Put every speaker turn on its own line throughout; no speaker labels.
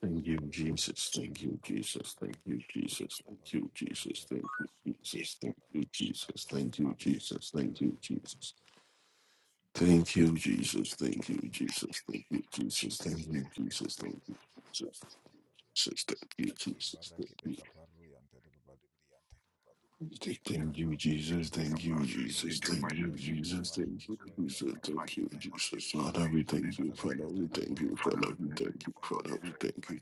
Thank you, Jesus. Thank you, Jesus. Thank you, Jesus. Thank you, Jesus. Thank you, Jesus. Thank you, Jesus. Thank you, Jesus. Thank you, Jesus. Thank you, Jesus. Thank you, Jesus. Thank you, Jesus. Thank you, Jesus. Thank you, Jesus. Jesus, Thank you, Jesus. Thank you, Jesus. Thank you, Jesus. Thank you, Jesus. Thank you, Jesus. Thank you, Jesus. Thank you, Jesus. Father, we thank you. Father, we thank you. Father, we thank you. Father, we thank you.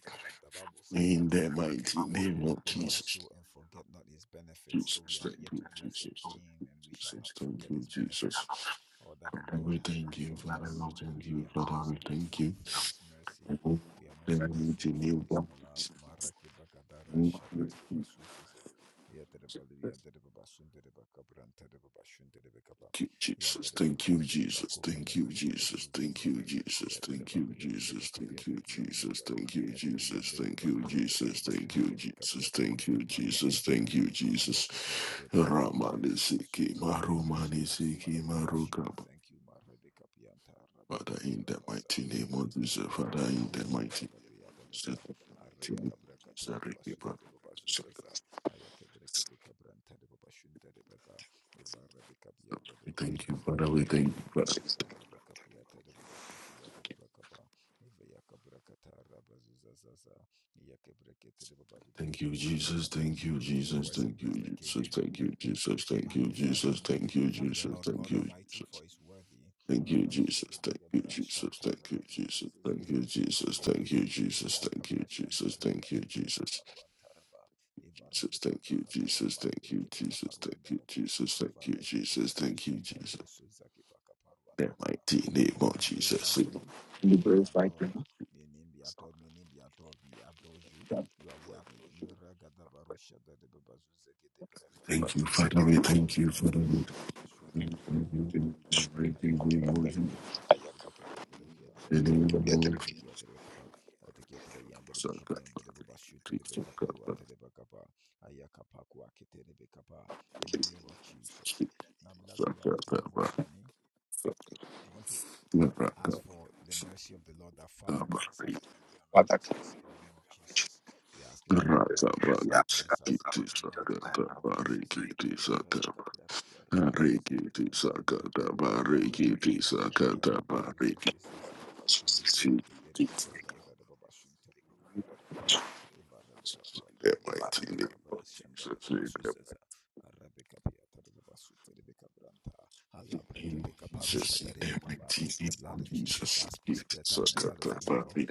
In the mighty name of Jesus. Jesus, thank you, Jesus, thank you, Jesus, thank you, Jesus. Father, we thank you, Father, we thank you, Father, we thank you. Thank you, Jesus, Thank you, Jesus. Thank you, Jesus. Thank you, Jesus. Thank you, Jesus. Thank you, Jesus. Thank you, Jesus. Thank you, Jesus. Thank you, Jesus. Thank you, Jesus. Thank you, Jesus. Thank you, Jesus. Ramani Siki, Marumani Siki, Father, in the mighty name of Jesus, Father, in the mighty name of Jesus, Father, in the mighty name of Jesus, I thank you, Father. We thank you, Father. We thank you, Father. Thank you, Jesus. Thank you, Jesus. Thank you, Jesus. Thank you, Jesus. Thank you, Jesus. Thank you, Jesus. Thank you, Jesus. Thank you, Jesus. Thank you, Jesus. Thank you, Jesus. Thank you, Jesus. Thank you, Jesus. Thank you, Jesus. Thank you, Jesus. Jesus. Thank you, Jesus. Thank you, Jesus. Thank you, Jesus. Thank you, Jesus. Thank you, Jesus. That mighty name of Jesus. Thank you, Father. We thank you, Father. We thank you in the mighty name of Jesus. In the name of Jesus. Saka, saka, saka, saka, saka, saka, saka, Rakabara kiti sakata bari kiti sakata bari kiti sakata bari kiti sakata bari kiti saka kabari, That mighty name of Jesus, in that mighty name of Jesus, in that mighty name of Jesus, give to Sakata Bari.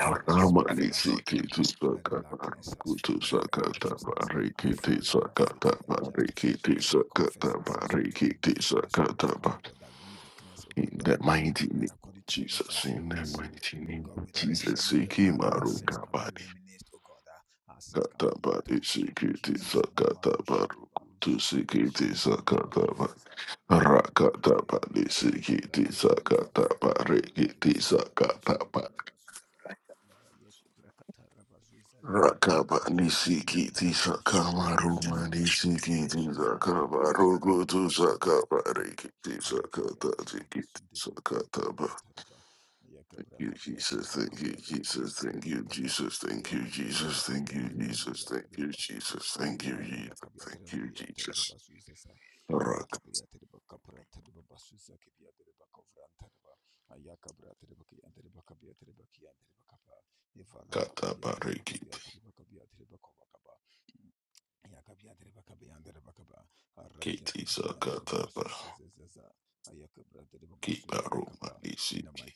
Namani Siki to Sakata Kutu Sakata Bari Kiti Sakata Bari Kiti Sakata Bari Kiti Sakata Bari. In that mighty name of Jesus, in that mighty name of Jesus, Siki Maru Kabari. Kata Bari Siki to Sakata Baru Kutu Siki to Sakata Bari. Rakata panisikiti sakata parikiti sakata pak Rakaba nisikiti sakama ruma nisikiti sakama rugutu sakama rikiti sakata zikiti sakata ba. Thank you, Jesus. Thank you, Jesus. Thank you, Jesus. Thank you, Jesus. Thank you, Jesus. Thank you, Jesus. Thank you, Jesus. Thank you, Jesus. Rakata bariki kiti sakata Kibaruma nisiki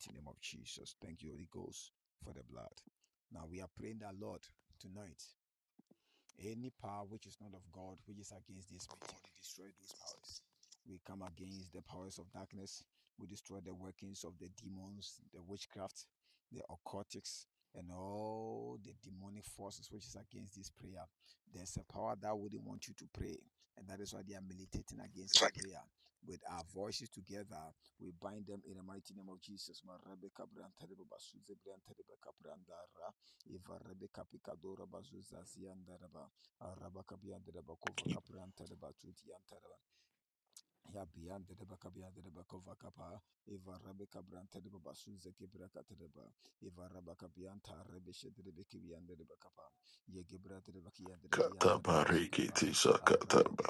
kataba rikiti sakataba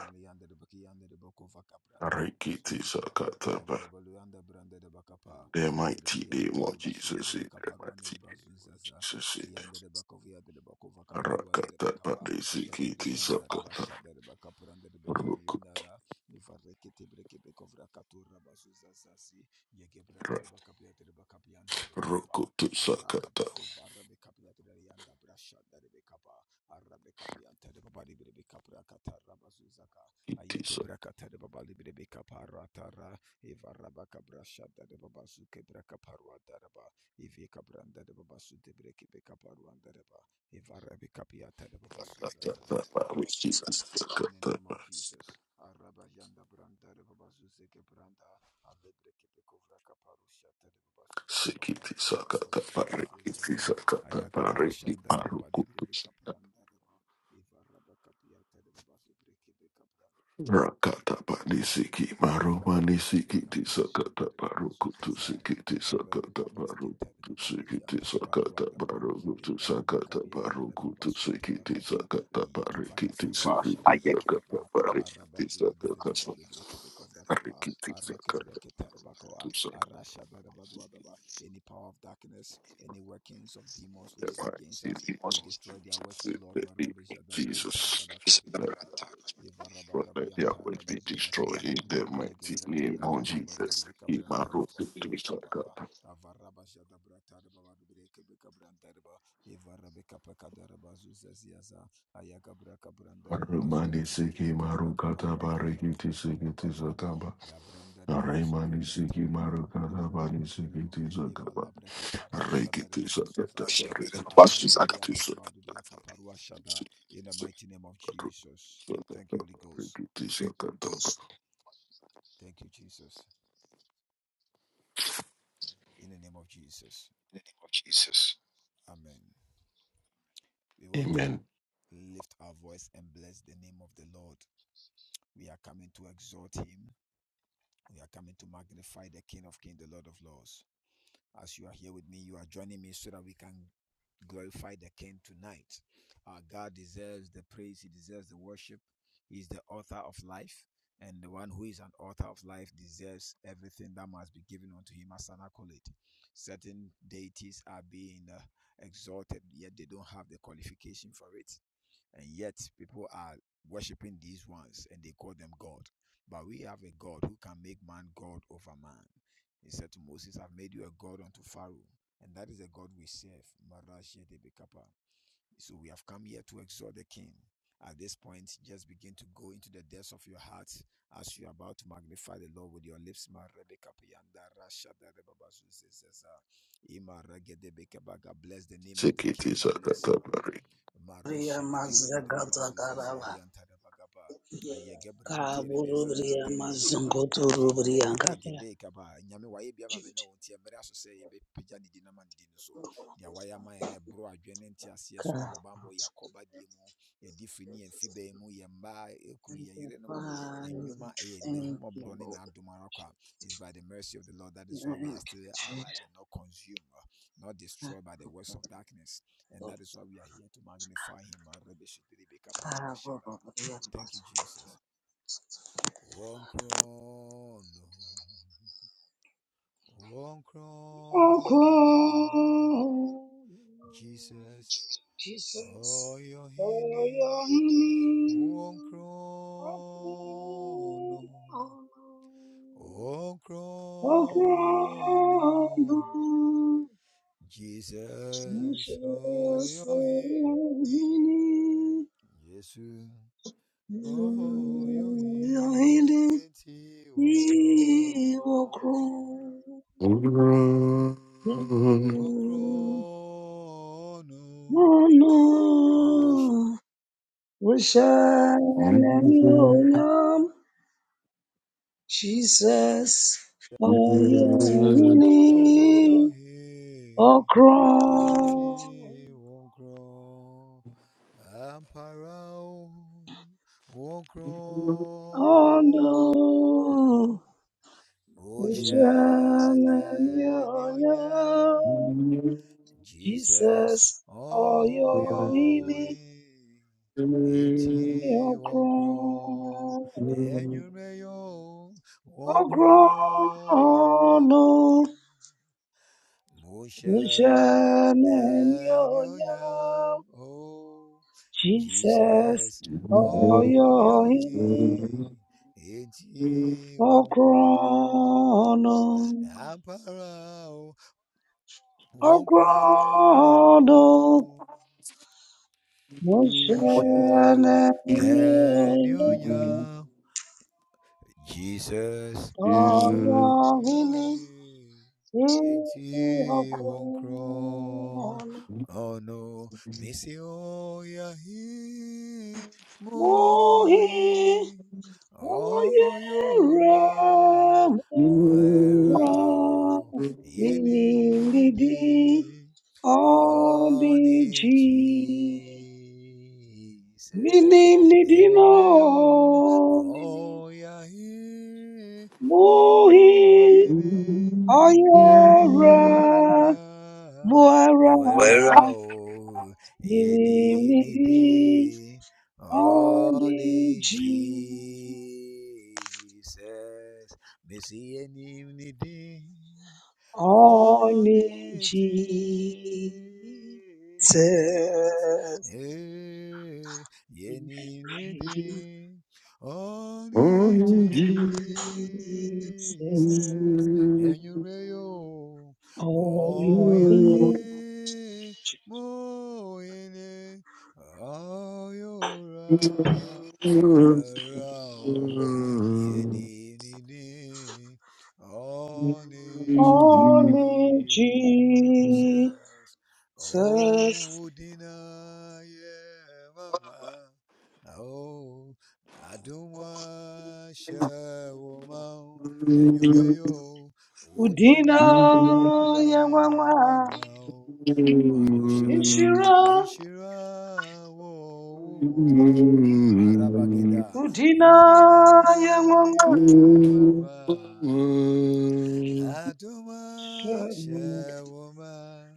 rikiti sakataba. The mighty name of Jesus in the mighty name of Jesus in the rakataba nisiki tisakata rukutu ra- rukutu sakata iti sakataba rikiti Jesus. sakataba sikiti sakataba rikiti sakataba rikiti rukutu. Rakata panisiki maru manisiki tisakata maru kutusiki tisakata maru kutusiki tisakata maru kutusakata maru kutusiki tisakata pariki tisiki tisakata pariki tisakata pariki tisakata tusakata pariki Jesus Lord, let their works be destroyed in the mighty name of Jesus. Imaru kutu sakata. Arumani siki maru kata barikiti sikiti sakaba. Aremani siki maru kata bani sikiti sakaba. Rekiti sakata barikiti. Basu sakati sakata. Rekiti sakata. Amen. Sikiti sakata barikiti.
Ria mazagata karava kaburu ria rubria ngata ka. Thank you, Father. Thank you, Lord. Thank you, Jesus. Kaburu ria mazungutu. Oh, glory, Jesus. Oh, your name. Oh, glory. Oh, glory. Jesus, oh yeah, oh cross.
Run. What you do
Oh no, Ocean and Jesus, oh, you're in me, oh, imi oh, ọgrọn ọnụ uche na-enye onye. Jesus, oh, oh, you're in me, ọyọ imi ọgrọn ọnụ ọgrọn ọnụ uche
Is
Oh, you're in me. Minim nidi, all the Only Jesus, only Jesus, only,
Oh, Mama.
only Jesus. Udina yamama, Ishira, Udina yamama.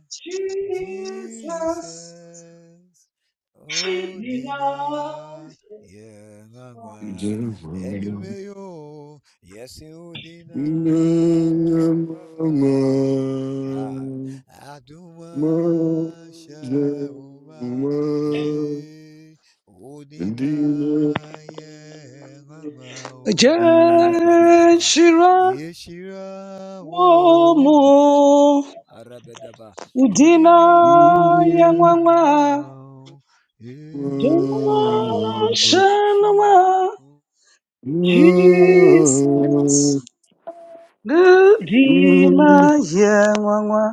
Jesus, Udina
Deserve
Jenshira womu idina yangwangwa Shanwa Jesus
to
Gudina yangwangwa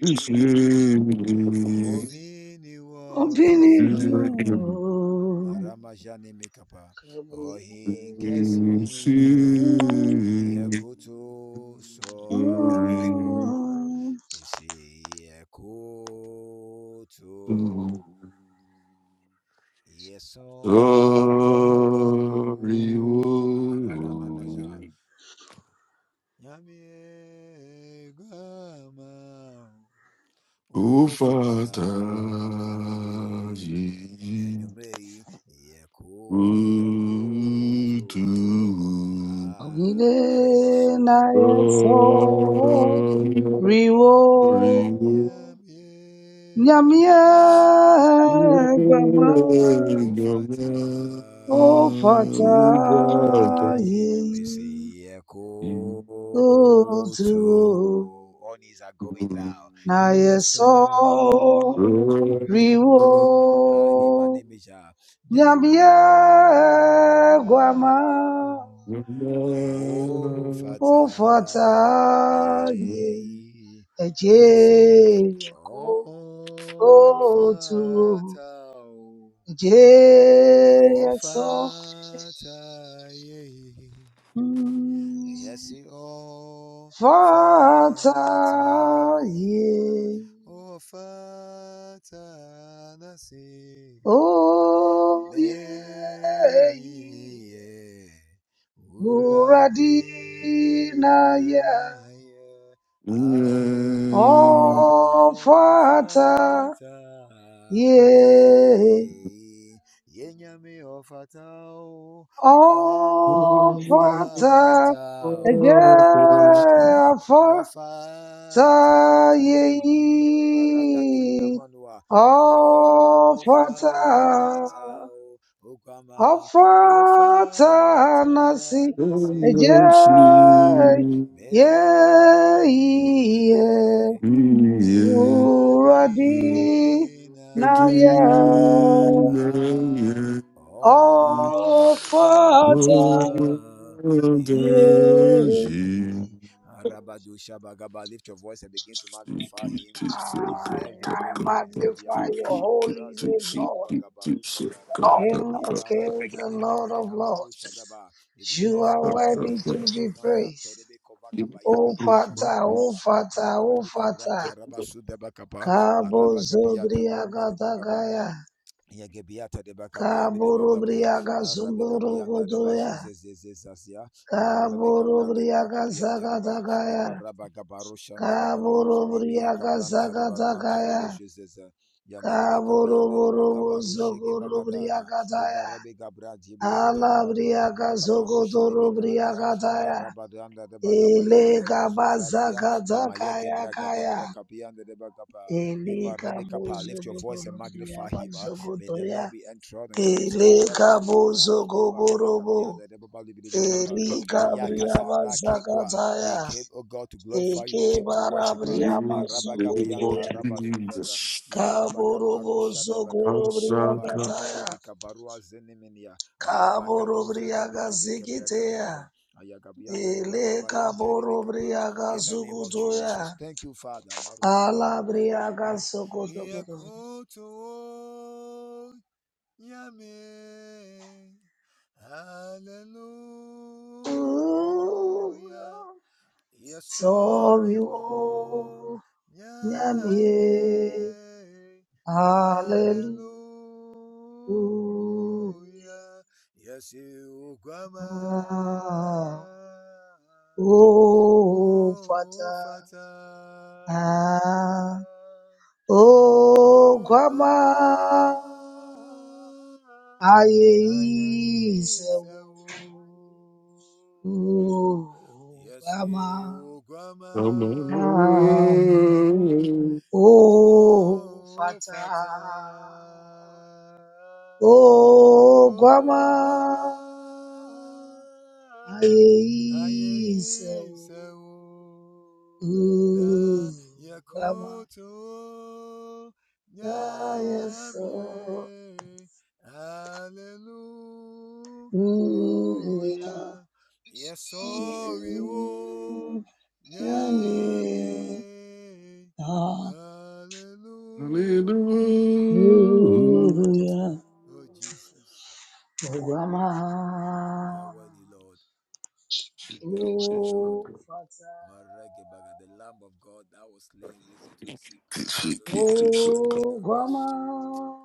Sorry,
Obini Riwo
o Father, o tu. Sorry,
Nyamia Gama
Don't
O Fata Ye O Tuo Nayeso Riwo Nyamia Gwama ó fọta ààyè ẹ̀jẹ̀ yẹ kó lóòtú o, ẹ̀jẹ̀ yẹ sọ. Mm, fọta ààyè ó yẹ yìí búra dínáyà ó fọta ààyè. Ofata eje afata yeyi ofata ofata nasi eje
Sleep.
yeyi
Jesus.
uradi na ya ofata yeyi. Ah, I magnify your holy name, Lord. King of kings and Lord of lords. You are worthy to be praised. O Father, O Father, O Father, Kabo Zobria Gatagaya. Kabo Rubriaga Zumburu Godoya. Kabo Rubriaga Zagatagaya. Kabo Rubriaga Zagatagaya. Kabo Rubu Zoguru Briagataya. Alabriaga Zogotoro Briagataya. Elega Bazakata Kaya Kaya. Elega Bozogotoro Briamanzogotoya. Elega Bozogoborobo. Eliga Briamazakataya. Eke Barabriamazungutoya. Kaborobo Zogoro Briagataya. Kaboro Briagazikitea. Eleka borobriaga sukutoya. Alabriaga sokotokoto. Ooh, From you, Nyamie. Hallelujah. Oh, Father. Ah, oh, Grandma. Aye, Isaú. Oh, Rama.
Come
Amen.
on
Oh, Fata. Oh, Guama. Aye, Isao. Oh, Guama. Aye, so. Mm, yeah. Mm, yeah. Hallelujah. Obama, oh Fata, oh Obama,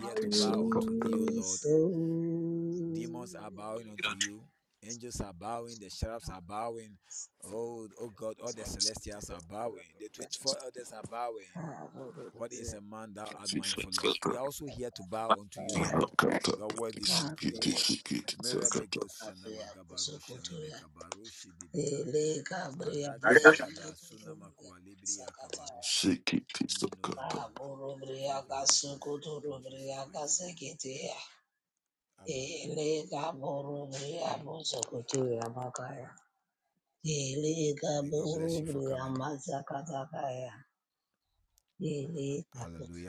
I say, Ele Gabriel, Sakata. Kaburubriaga sukuturubriaga sekitia. Ele kaburubria musukutuya makaya. Ele kaburubria mazakatakaya. Ele kaburubria.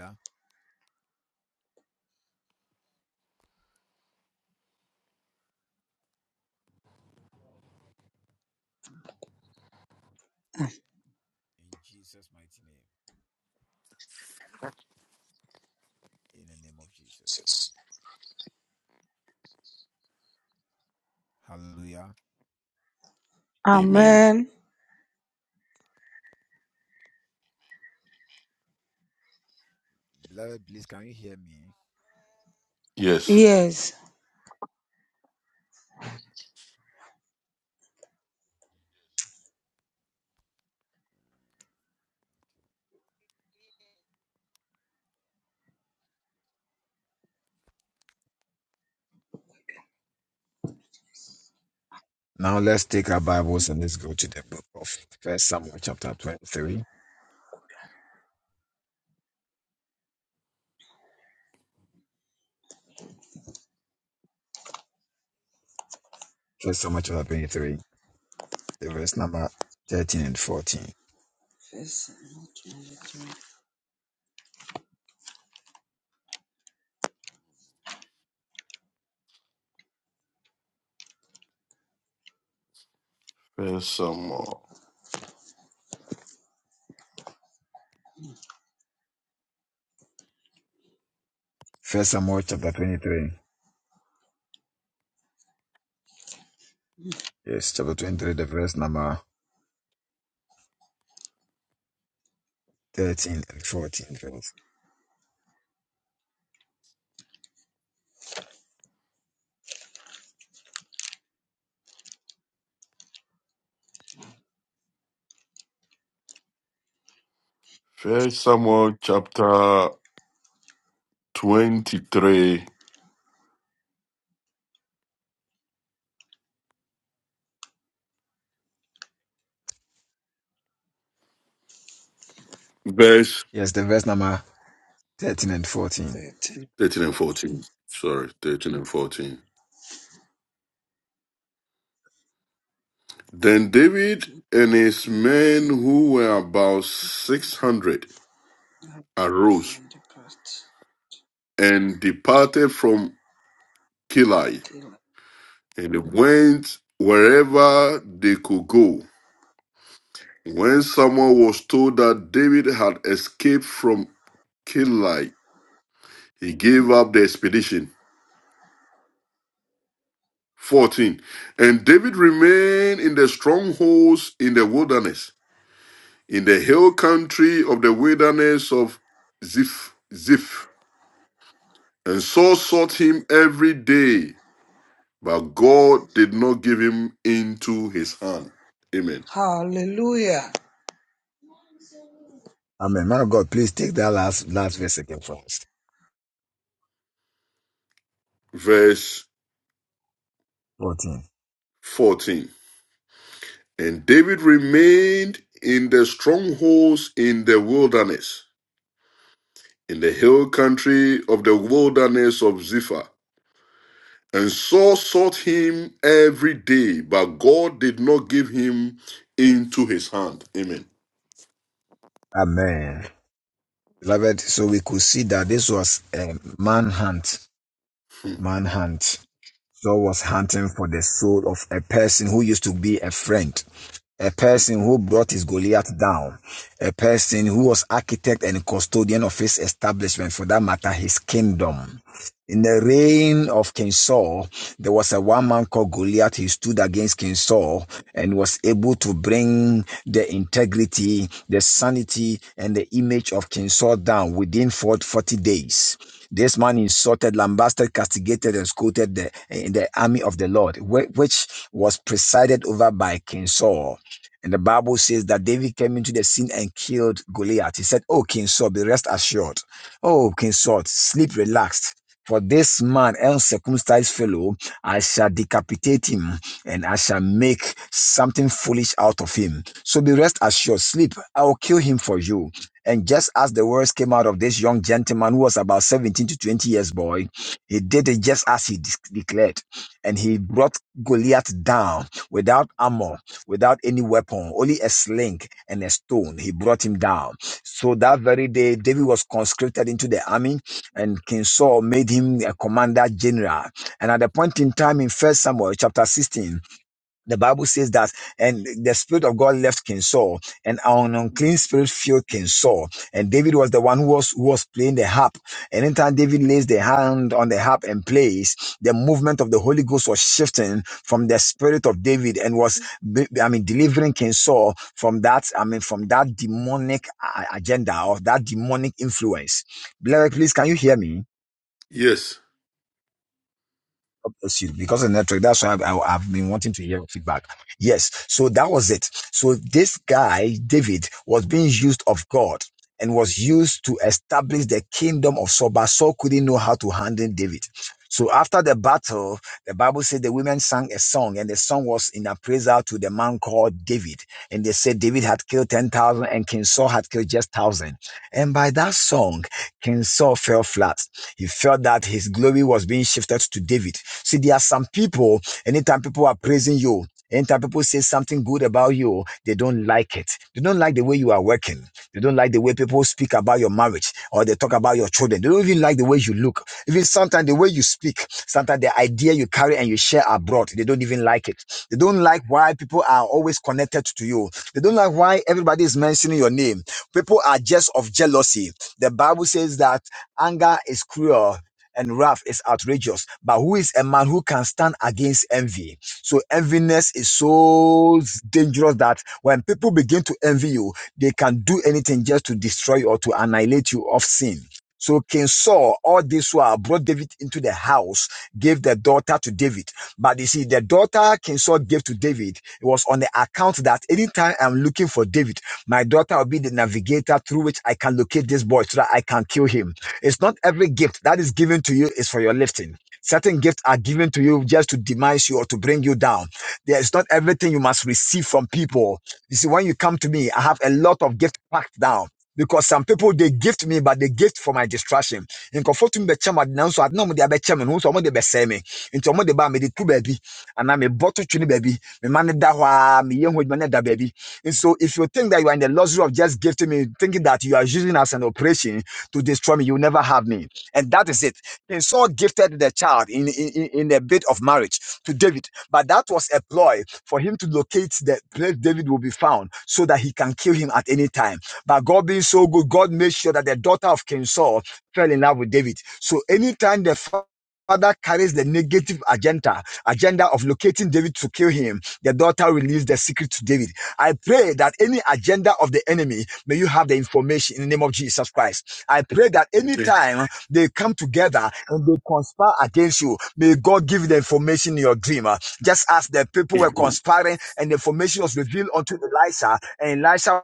Hallelujah. Amen.
Amen.
Yes.
Yes.
Now let's take our Bibles and let's go to the book of First Samuel chapter 23. First Samuel chapter 23, the verse number 13 and 14.
Verse
First Samuel.
First Samuel chapter 23. Yes, chapter 23, the verse number 13 and 14. Verse.
First Samuel chapter twenty-three, verse
Yes, the verse number 13 and 14.
thirteen.
13 and 14. Sorry, 13 and 14. Then David and his men, who were about 600, arose and departed from Kilai, and they went wherever they could go. When someone was told that David had escaped from Kilai, he gave up the expedition. 14. And David remained in the strongholds in the wilderness in the hill country of the wilderness of Ziph. Ziph. And Saul sought him every day, but God did not give him into his hand. Amen.
Hallelujah.
Amen. Man of God, please take that last last verse again first
Verse
14.
14. And David remained in the strongholds in the wilderness, in the hill country of the wilderness of Ziph, And Saul sought him every day, but God did not give him into his hand. Amen.
Amen. Beloved, so we could see that this was a manhunt.
Hmm.
Manhunt Saul was hunting for the soul of a person who used to be a friend a person who brought his Goliath down, a person who was architect and custodian of his establishment, for that matter, his kingdom. In the reign of King Saul, there was a one man called Goliath. He stood against King Saul and was able to bring the integrity, the sanity, and the image of King Saul down within 40 days. This man insulted, lambasted, castigated, and scolded the, the army of the Lord, which was presided over by King Saul. And the Bible says that David came into the scene and killed Goliath. He said, Oh, King Saul, be rest assured. Oh, King Saul, sleep relaxed. For this man, uncircumcised fellow, I shall decapitate him and I shall make something foolish out of him. So be rest assured, sleep. I will kill him for you. And just as the words came out of this young gentleman who was about 17 to 20 years boy, he did it just as he de- declared. And he brought Goliath down without armor without any weapon, only a sling and a stone. He brought him down. So that very day, David was conscripted into the army, and King Saul made him a commander general. And at the point in time in First Samuel chapter 16, the Bible says that, and the Spirit of God left King Saul, and an unclean spirit filled King Saul. And David was the one who was, who was playing the harp. And anytime David lays the hand on the harp and plays, the movement of the Holy Ghost was shifting from the spirit of David and was, be- I mean, delivering King Saul from that, I mean, from that demonic uh, agenda or that demonic influence. Beloved, please, can you hear me?
Yes.
God bless you. Because of the network, that's why I've, I, have been wanting to hear feedback. Yes. So that was it. So this guy, David, was being used of God and was used to establish the kingdom of Saul, but Saul couldn't know how to handle David. So after the battle, the Bible said the women sang a song, and the song was in appraisal to the man called David. And they said David had killed 10,000 and King Saul had killed just 1,000. And by that song, King Saul fell flat. He felt that his glory was being shifted to David. See, there are some people, anytime people are praising you, anytime people say something good about you, they don't like it. They don't like the way you are working. They don't like the way people speak about your marriage or they talk about your children. They don't even like the way you look. Even sometimes the way you speak, sometimes the idea you carry and you share abroad, they don't even like it. They don't like why people are always connected to you. They don't like why everybody is mentioning your name. People are just of jealousy the Bible says that anger is cruel and wrath is outrageous. But who is a man who can stand against envy? So enviness is so dangerous that when people begin to envy you, they can do anything just to destroy you or to annihilate you of sin. So King Saul, all this while, brought David into the house, gave the daughter to David. But you see, the daughter King Saul gave to David, it was on the account that anytime I'm looking for David, my daughter will be the navigator through which I can locate this boy so that I can kill him. It's not every gift that is given to you is for your lifting. Certain gifts are given to you just to demise you or to bring you down. There is not everything you must receive from people. You see, when you come to me, I have a lot of gifts packed down. Because some people they gift me, but they gift for my distraction. Nkurɔfoɔ tumi bɛkyɛ me ade nanso ade na ɔmo de abɛkyɛ me no, wohu sɛ ɔmo de bɛsɛe me. Nti ɔmo de ba a, mede tu baabi. Anaa mebɔ to twene me Mema no da hɔ ara, meyɛ ho adwuma na ɛda and so if you think that you are in the luxury of just gifting me, thinking that you are using as an operation to destroy me, you will never have me. And that is it. And Saul gifted the child in, in, in a bit of marriage to David. But that was a ploy for him to locate the place David will be found so that he can kill him at any time. But God being so good, God made sure that the daughter of King Saul fell in love with David. So anytime the fa- father carries the negative agenda agenda of locating david to kill him the daughter reveals the secret to david I pray that any agenda of the enemy, may you have the information in the name of Jesus Christ. I pray that
Amen.
anytime they come together and they conspire against you, may God give you the information in your dream. uh, Just as the people were conspiring and the information was revealed unto Elisha, and Elisha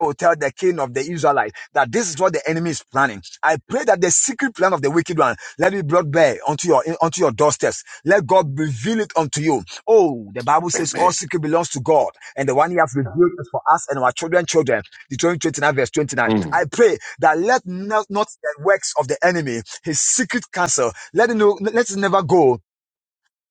will tell the king of the Israelites that this is what the enemy is planning. I pray that the secret plan of the wicked one let it be brought bare unto your unto your doorsteps. Let God reveal it unto you. Oh, the Bible says
Amen.
all secret belongs to God, and the one He has revealed is for us and our children, children. Deuteronomy 29, verse 29.
Mm.
I pray that let not, not the works of the enemy, his secret counsel, let it know. let it never go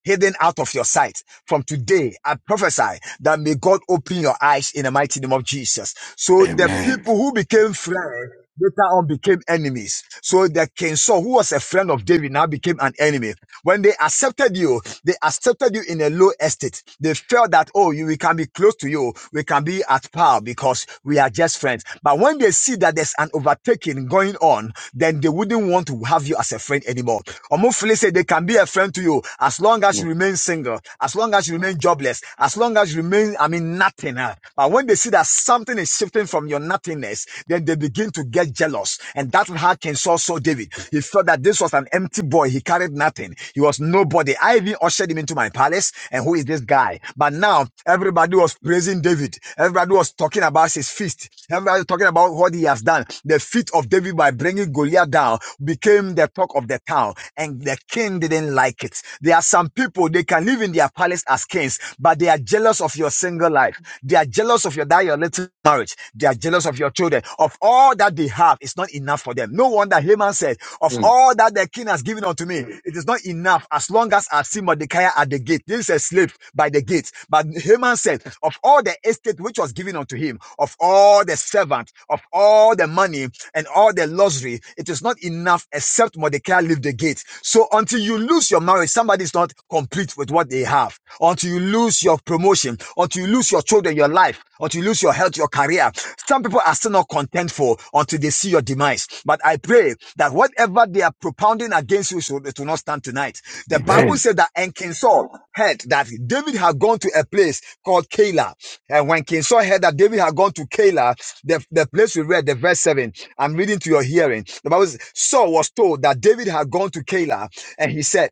hidden out of your sight. From today, I prophesy that may God open your eyes in the mighty name of Jesus. So the
Amen.
people who became friends later on became enemies. So the King Saul, who was a friend of David, now became an enemy. When they accepted you, they accepted you in a low estate. They felt that, oh, you, we can be close to you. We can be at par because we are just friends. But when they see that there's an overtaking going on, then they wouldn't want to have you as a friend anymore. Omofile said they can be a friend to you as long as you
Mm.
remain single, as long as you remain jobless, as long as you remain, I mean, nothing. huh? But when they see that something is shifting from your nothingness, then then they begin to get jealous. And that's how King Saul saw David. He felt that this was an empty boy. He carried nothing. He was nobody. I even ushered him into my palace. And who is this guy? But now everybody was praising David. Everybody was talking about his feast. Everybody was talking about what he has done. The feat of David by bringing Goliath down became the talk of the town. And the king didn't like it. There are some people, they can live in their palace as king things, but they are jealous of your single life. They are jealous of your that your little marriage. They are jealous of your children. Of all that they have, it's not enough for them. No wonder Haman said, "Of all that the king has given unto me, it is not enough. As long as I see Mordecai at the gate, this is a slave by the gate." But Haman said, "Of all the estate which was given unto him, of all the servant, of all the money and all the luxury, it is not enough except Mordecai leave the gate. So until you lose your marriage, somebody's not complete with what they have. Until you lose your promotion, until you lose your children, your life, until you lose your health, your career. Some people are still not contentful until they see your demise. But I pray that whatever they are propounding against you, so it will not stand tonight. The Bible
Amen.
said that and King Saul heard that David had gone to a place called Keilah. And when King Saul heard heard that David had gone to Keilah, the, the place we read, the verse 7. I'm reading to your hearing. The Bible says, Saul was told that David had gone to Keilah, and he said,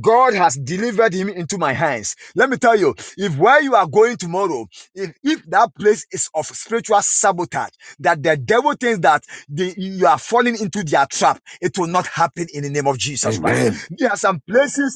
God has delivered him into my hands. Let me tell you, if where you are going tomorrow, if, if that place is of spiritual sabotage, that the devil thinks that the, you are falling into their trap, it will not happen in the name of Jesus Christ.
Amen.
There are some places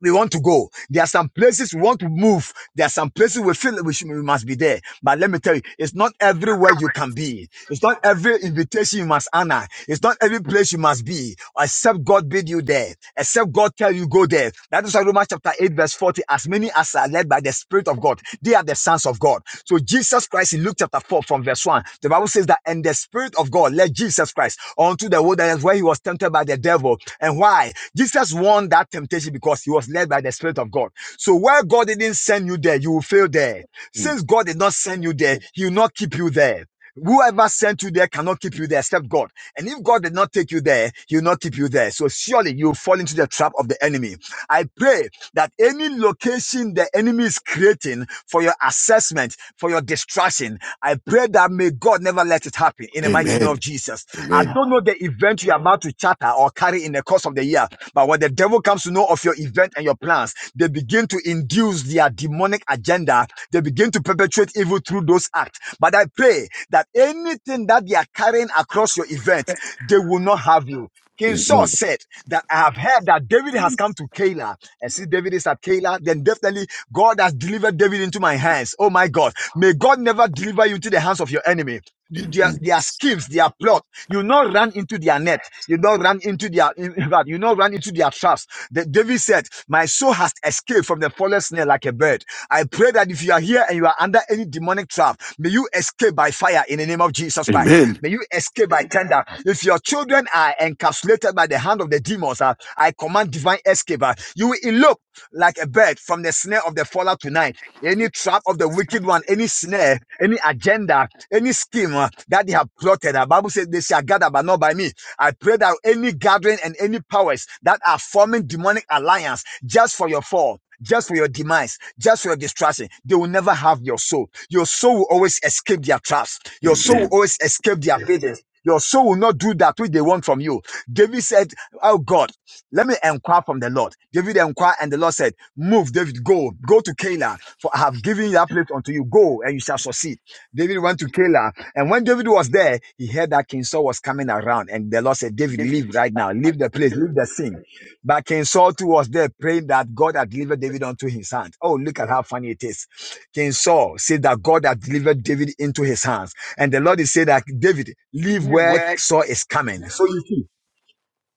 we want to go. There are some places we want to move. There are some places we feel we, should, we must be there. But let me tell you, it's not everywhere you can be. It's not every invitation you must honor. It's not every place you must be. Except God bid you there. Except God tell you go there. That is why Romans chapter chapter 8, verse 40, as many as are led by the Spirit of God, they are the sons of God. So Jesus Christ in Luke chapter 4 from verse 1, the Bible says that, and the Spirit of God led Jesus Christ onto the wilderness where he was tempted by the devil. And why? Jesus won that temptation because he was led by the Spirit of God. So where God didn't send you there, you will fail there.
Mm.
Since God did not send you there, he will not keep you there. Whoever sent you there cannot keep you there except God. And if God did not take you there, He will not keep you there. So surely you will fall into the trap of the enemy. I pray that any location the enemy is creating for your assessment, for your distraction, I pray that may God never let it happen in the mighty name of
Amen.
Jesus. I
Amen.
don't know the event you are about to chatter or carry in the course of the year, but when the devil comes to know of your event and your plans, they begin to induce their demonic agenda. They begin to perpetrate evil through those acts. But I pray that anything that they are carrying across your event, they will not have you. King Saul
Amen.
said that I have heard that David has come to Keilah. And since David is at Keilah, then definitely God has delivered David into my hands. Oh my God. May God never deliver you into the hands of your enemy. You- Their, their schemes, their plot. You not run into their net. You not run into their in fact, you not run into their traps. The, David said, My soul has escaped from the forest Jesus' snare like a bird. I pray that if you are here and you are under any demonic trap, may you escape by fire in the name of Jesus Christ.
Amen.
May you escape by tender. If your children are encapsulated by the hand of the demons, uh, I command divine escape. uh, you will elope like a bird from the snare of the faller tonight. Any trap of the wicked one, any snare, any agenda, any scheme uh, that they have plotted. The uh, Bible says they shall gather, but not by me. I pray that any gathering and any powers that are forming demonic alliance just for your fall just for your demise, just for your destruction. They will never have your soul. Your soul will always escape their traps. Your soul will
Amen.
always escape their pigeons. Your soul will not do that which they want from you. David said, Oh God, let me inquire from the Lord. David inquired, and the Lord said, Move, David, go, go to Keilah, for I have given that place unto you. Go, and you shall succeed. David went to Keilah, and when David was there, he heard that King Saul was coming around, and the Lord said, David, leave right now, leave the place, leave the scene. But King Saul too was there praying that God had delivered David unto his hand. Oh, look at how funny it is. King Saul said that God had delivered David into his hands. And the Lord is saying that David, leave where Saul is coming. So you see,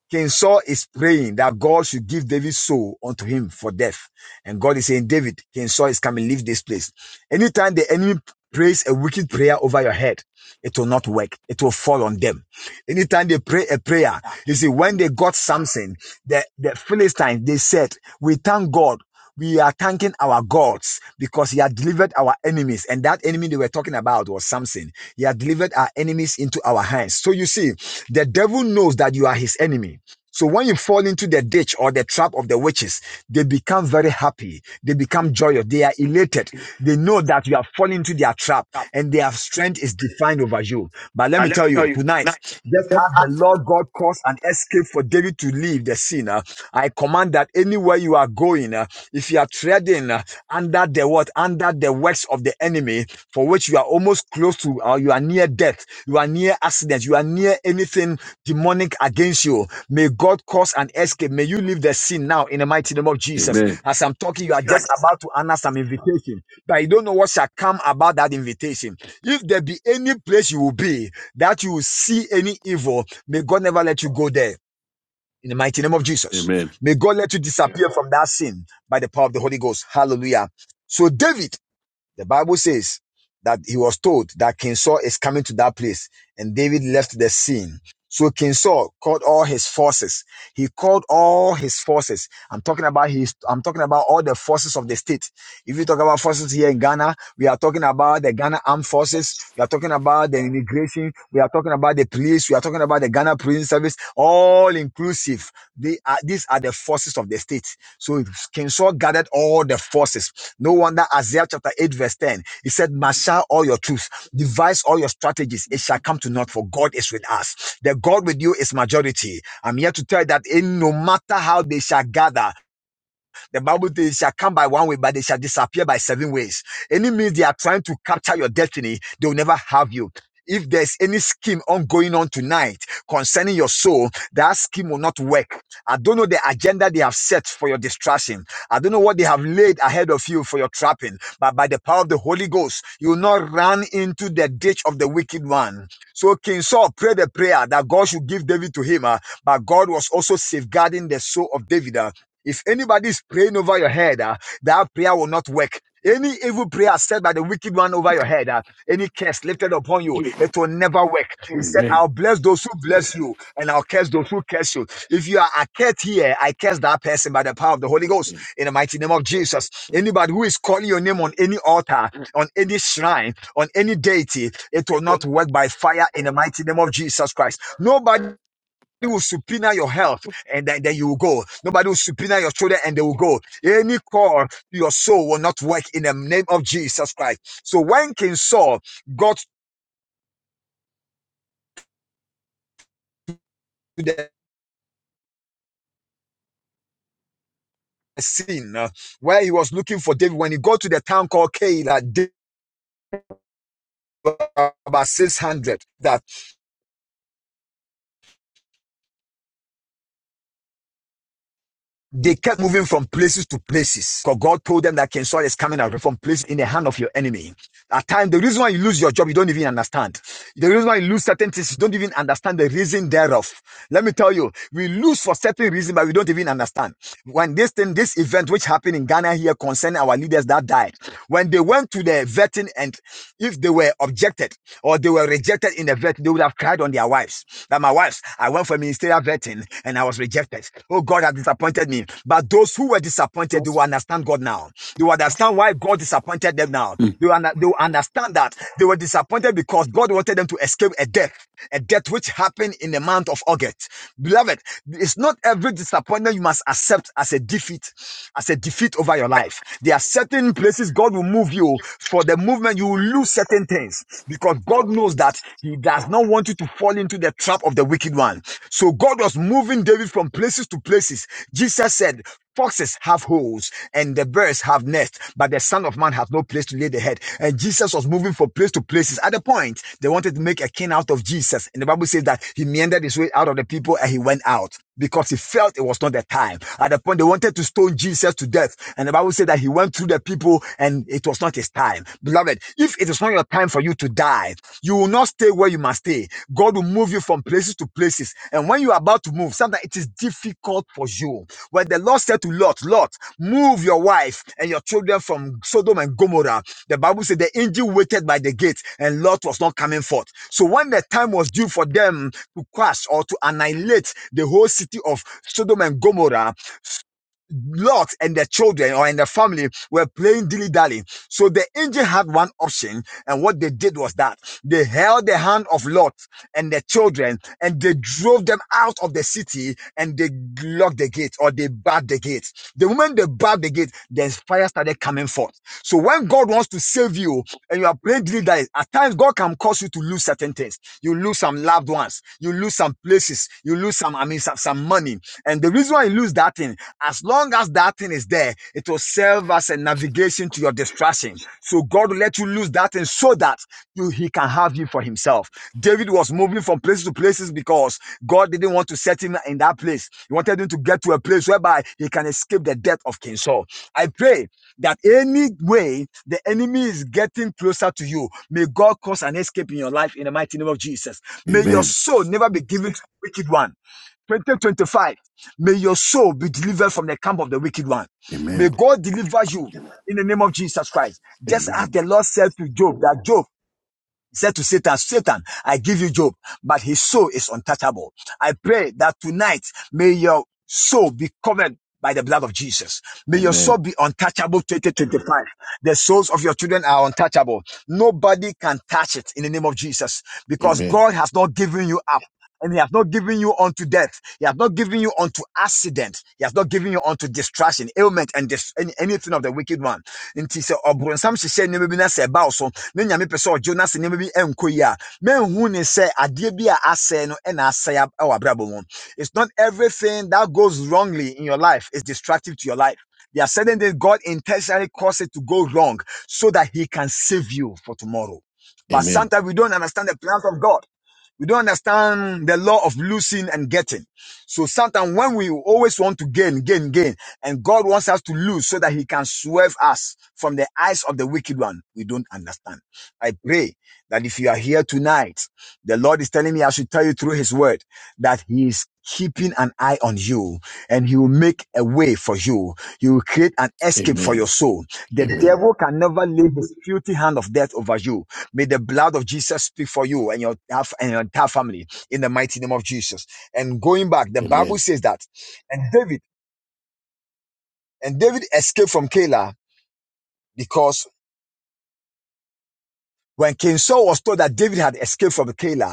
King Saul is praying that God should give David's soul unto him for death. And God is saying, David, King Saul is coming, leave this place. Anytime the enemy prays a wicked prayer over your head, it will not work. It will fall on them. Anytime they pray a prayer, you see, when they got Samson, the, the Philistines, they said, we thank God. We are thanking our gods because he had delivered our enemies. And that enemy they were talking about was Samson. He has delivered our enemies into our hands. So you see, the devil knows that you are his enemy. So when you fall into the ditch or the trap of the witches, they become very happy. They become joyous. They are elated. They know that you have fallen into their trap and their strength is defined over you. But let me tell you, tonight, just as the Lord God caused an escape for David to leave the scene, uh, I command that anywhere you are going, uh, if you are treading uh, under the what, under the works of the enemy, for which you are almost close to or you are near death, you are near accident, you are near anything demonic against you. May God cause an escape. May you leave the sin now in the mighty name of Jesus.
Amen.
As I'm talking, you are just about to answer some invitation, but you don't know what shall come about that invitation. If there be any place you will be that you will see any evil, may God never let you go there. In the mighty name of Jesus.
Amen.
May God let you disappear from that sin by the power of the Holy Ghost. Hallelujah. So David the Bible says that he was told that King Saul is coming to that place, and David left the scene. So King Saul called all his forces. He called all his forces. I'm talking about his. I'm talking about all the forces of the state. If you talk about forces here in Ghana, we are talking about the Ghana Armed Forces. We are talking about the immigration. We are talking about the police. We are talking about the Ghana Prison Service. All inclusive. They are. These are the forces of the state. So King Saul gathered all the forces. No wonder Isaiah chapter 8, verse 10. He said, Marshal all your troops, devise all your strategies. It shall come to naught, for God is with us. The God with you is majority. I'm here to tell you that in no matter how they shall gather, the Bible says they shall come by one way, but they shall disappear by seven ways. Any means they are trying to capture your destiny, they will never have you. If there's any scheme on going on tonight concerning your soul, that scheme will not work. I don't know the agenda they have set for your distraction. I don't know what they have laid ahead of you for your trapping, but by the power of the Holy Ghost, you will not run into the ditch of the wicked one. So King Saul prayed a prayer that God should give David to him, uh, but God was also safeguarding the soul of David. uh, if anybody is praying over your head, ah, that prayer will not work. Any evil prayer said by the wicked one over your head, ah, any curse lifted upon you, it will never work. He said,
Amen.
I'll bless those who bless you, and I'll curse those who curse you. If you are a curse here, I curse that person by the power of the Holy Ghost
Mm.
in the mighty name of Jesus. Anybody who is calling your name on any altar, on any shrine, on any deity, it will not work by fire in the mighty name of Jesus Christ. Nobody will subpoena your health and then, then you will go. Nobody will subpoena your children and they will go. Any call to your soul will not work in the name of Jesus Christ. So when King Saul got to the scene uh, where he was looking for David, when he got to the town called Keilah, about 600. that. They kept moving from places to places. Because God told them that King Saul is coming out from place in the hand of your enemy. At times, the reason why you lose your job, you don't even understand. The reason why you lose certain things, you don't even understand the reason thereof. Let me tell you, we lose for certain reason, but we don't even understand. When this thing, this event which happened in Ghana here concerning our leaders that died, when they went to the vetting and if they were objected or they were rejected in the vetting, they would have cried on their wives. That my wives, lives. I went for ministerial vetting and I was rejected. Oh, God has disappointed me. But those who were disappointed, they will understand God now. They will understand why God disappointed them now. They will, they will understand that they were disappointed because God wanted them to escape a death, a death which happened in the month of August. Beloved, it's not every disappointment you must accept as a defeat, as a defeat over your life. There are certain places God will move you for the movement. You will lose certain things because God knows that He does not want you to fall into the trap of the wicked one. So God was moving David from places to places. Jesus said, Foxes have holes and the birds have nests, but the Son of Man has no place to lay the head. And Jesus was moving from place to places. At the point, they wanted to make a king out of Jesus. And the Bible says that he meandered his way out of the people and he went out because he felt it was not the time. At the point, they wanted to stone Jesus to death. And the Bible says that he went through the people people and it was not his time. Beloved, if it is not your time for you to die, you will not stay where you must stay. God will move you from places to places. And when you are about to move, sometimes it is difficult for you. When the Lord said to Lot, Lot, move your wife and your children from Sodom and Gomorrah, the Bible said the angel waited by the gate and Lot was not coming forth. So when the time was due for them to crush or to annihilate the whole city of Sodom and Gomorrah, Lot and their children or and their family were playing dilly dally. So the angel had one option, and what they did was that they held the hand of Lot and their children and they drove them out of the city and they locked the gate or they barred the gate. The moment they barred the gate, the fire started coming forth. So when God wants to save you and you are praying daily that at times God can cause you to lose certain things. You lose some loved ones, you lose some places, you lose some, I mean, some, some money. And the reason why you lose that thing, as long as that thing is there, it will serve as a navigation to your destruction. So God will let you lose that thing so that you, he can have you for himself. David was moving from places to places because God didn't want to set him in that place. He wanted him to get to a place whereby he can escape the death of King Saul. I pray that any way the enemy is getting closer to you, may God cause an escape in your life in the mighty name of Jesus. May your
Amen.
soul never be given to the wicked one. 2025, may your soul be delivered from the camp of the wicked one.
Amen. Amen.
May
Amen.
God deliver you in the name of Jesus Christ. Just as the Lord said to Job, that Job, he said to Satan, Satan, I give you Job, but his soul is untouchable. I pray that tonight may your soul be covered by the blood of Jesus.
Amen.
May your soul be untouchable 2025. The souls of your children are untouchable. Nobody can touch it in the name of Jesus because
Amen.
God has not given you up and he has not given you unto death. He has not given you unto accident. He has not given you unto distraction, ailment, and dis- any, anything of the wicked one. Nti sɛ ɔbronsam hyehyɛ nneɛma bi na sɛ ɛbaa so, na nyame pɛ sɛ ɔgye wo na sɛ nneɛma bi ɛnkɔ yie a, manhu ne sɛ adeɛ bi a asɛe no ɛna asɛe ab- ɛwɔ abrabɔ mu. It's not everything that goes wrongly in your life is destructive to your life. There are certain things God intentionally causes to go wrong so that He can save you for tomorrow. But sometimes we don't understand the plans of God. We don't understand the law of losing and getting. So sometimes when we always want to gain, gain, gain, and God wants us to lose so that he can swerve us from the eyes of the wicked one, we don't understand. I pray that if you are here tonight, the Lord is telling me I should tell you through his word that he is keeping an eye on you and he will make a way for you. He will create an
Amen. Amen. Amen. Amen. Amen. Amen. Amen.
escape for
Amen.
your soul. The devil can never lay his filthy hand of death over you May the blood of Jesus speak for you and your and your entire family in the mighty name of Jesus. And going back, the
Amen.
Bible says that, and David and David escaped from Keilah because when King Saul was told that David had escaped from Keilah,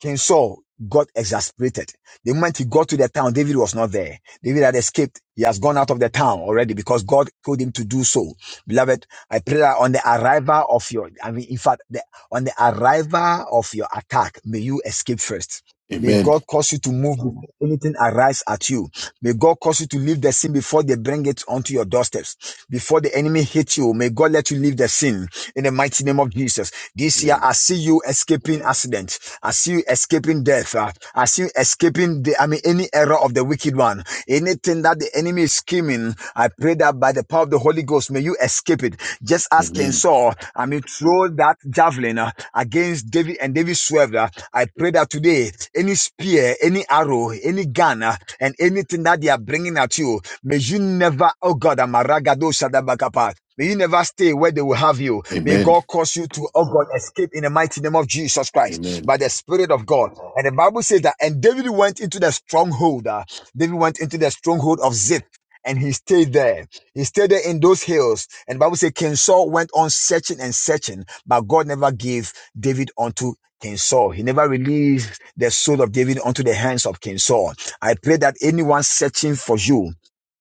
King Saul got exasperated. The moment he got to the town, David was not there. David had escaped. He has gone out of the town already because God told him to do so. Beloved, I pray that on the arrival of your, I mean, in fact, the, on the arrival of your attack, may you escape first. May
Amen.
God cause you to move before anything arrives at you. May God cause you to leave the sin before they bring it onto your doorsteps. Before the enemy hits you, may God let you leave the sin in the mighty name of Jesus. This year, I see you escaping accident. I see you escaping death. Uh, I see you escaping the, I mean, any error of the wicked one. Anything that the enemy is scheming, I pray that by the power of the Holy Ghost, may you escape it. Just as King Saul, I mean, throw that javelin men uh, against David and David swerved. uh, I pray that today, any spear, any arrow, any gun, uh, and anything that they are bringing at you, may you never, oh God, Amaragado Shadabakapa. May you never stay where they will have you. May God cause you to, oh God, escape in the mighty name of Jesus Christ by the Spirit of God. And the Bible says that, and David went into the stronghold. uh, David went into the stronghold of Ziph and he stayed there. He stayed there in those hills. And the Bible says King Saul went on searching and searching. But God never gave David unto King Saul. He never released the soul of David unto the hands of King Saul. I pray that anyone searching for you,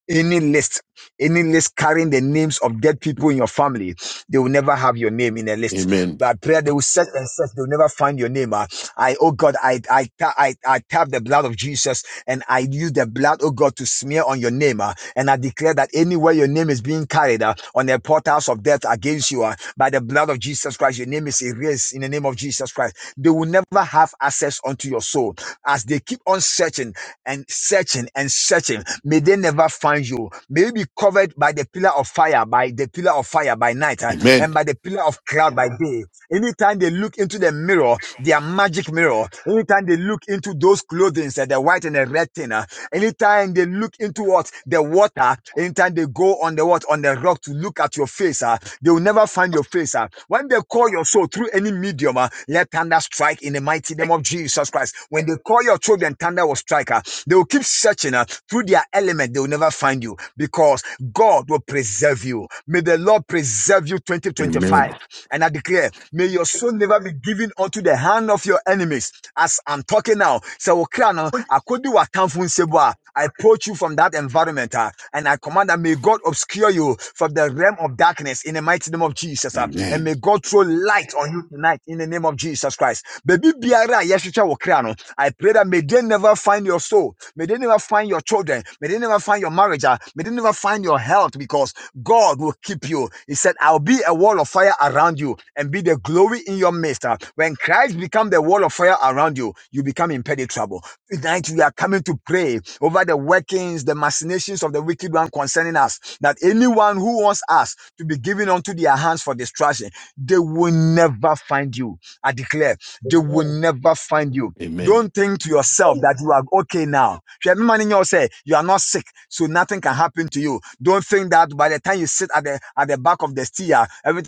any list, any list carrying the names of dead people in your family, they will never have your name in a list. By prayer, they will search and search, they will never find your name. ah. I, oh God, I, I, ta- I, I tap the blood of Jesus and I use the blood, oh God, to smear on your name. ah. And I declare that anywhere your name is being carried ah, on the portals of death against you, ah, by the blood of Jesus Christ, your name is erased in the name of Jesus Christ. They will never have access unto your soul as they keep on searching and searching and searching. May they never find you. May you be covered by the pillar of fire, by the pillar of fire by night, uh, and by the pillar of cloud by day. Anytime they look into the mirror, their magic mirror, anytime they look into those clothing, uh, the white and the red thing, uh, anytime they look into what the water, anytime they go on the what on the rock to look at your face, uh, they will never find your face. Uh. When they call your soul through any medium, uh, let thunder strike in the mighty name of Jesus Christ. When they call your children, thunder will strike. Uh. They will keep searching uh, through their element, they will never find you because God will preserve you. May the Lord preserve you
Amen.
2025. And I declare, may your soul never be given unto the hand of your enemies. As I'm talking now, sɛ wo kra no, akɔdi w'atamfo nsam a, I approach you from that environment ah, and I command that may God obscure you from the realm of darkness in the mighty name of Jesus. ah, and
Amen.
may God throw light on you tonight in the name of Jesus Christ. Christ. Baby biara yeshicha wokrano. I pray that may they never find your soul. May they never find your children. May they never find your marriage. ah. May they never find your health because God will keep you. He said, I'll be a wall of fire around you and be the glory in your midst. ah. When Christ becomes the wall of fire around you, you become impenetrable. Tonight we are coming to pray over the workings, the machinations of the wicked one concerning us. That anyone who wants us to be given unto their hands for destruction, they will never find you. I declare they will
Amen.
never find you.
Amen.
Don't think to yourself
Amen.
that you are okay now. Hwɛ, me ma ne nyɛ wo sɛ, You are not sick, so nothing can happen to you. Don't think that by the time you sit at the at the back of the steer, everything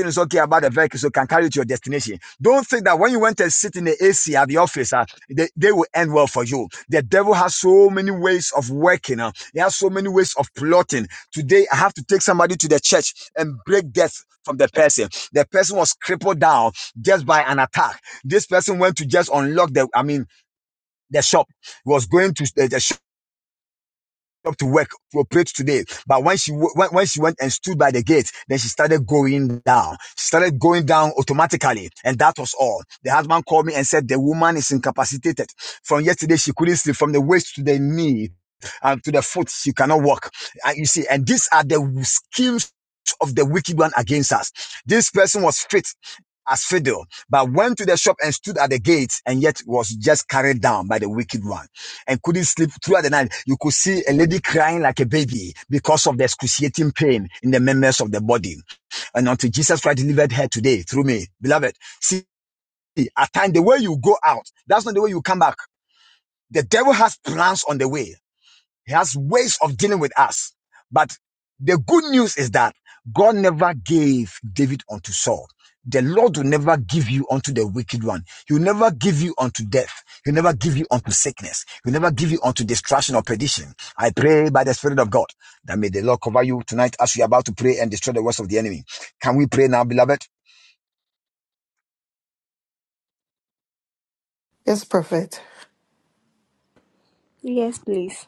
everything is okay about the vehicle, so can carry you to your destination. Don't think that when you went to sit in the AC at the office, uh, they, they will end well for you. The devil has so many ways of working. Uh, he has so many ways of plotting. Today, I have to take somebody to the church and break death from the person. The person was crippled down just by an attack. This person went to just unlock the, I mean, the shop. He was going to the, the shop up to work for pray today. But when she when, when she went and stood by the gate, then she started going down. She started going down automatically, and that was all. The husband called me and said the woman is incapacitated. From yesterday, she couldn't sleep from the waist to the knee and to the foot. She cannot walk. And you see, and these are the schemes of the wicked one against us. This person was fit as fiddle, but went to the shop and stood at the gate, and yet was just carried down by the wicked one and couldn't sleep throughout the night. You could see a lady crying like a baby because of the excruciating pain in the members of the body. And until Jesus Christ delivered her today through me, beloved, see, at times the way you go out, that's not the way you come back. The devil has plans on the way. He has ways of dealing with us. But the good news is that God never gave David unto Saul. The Lord will never give you unto the wicked one. He'll never give you unto death. He'll never give you unto sickness. He'll never give you unto destruction or perdition. I pray by the Spirit of God that may the Lord cover you tonight as we are about to pray and destroy the works of the enemy. Can we pray now, beloved?
Yes, Prophet.
Yes, please.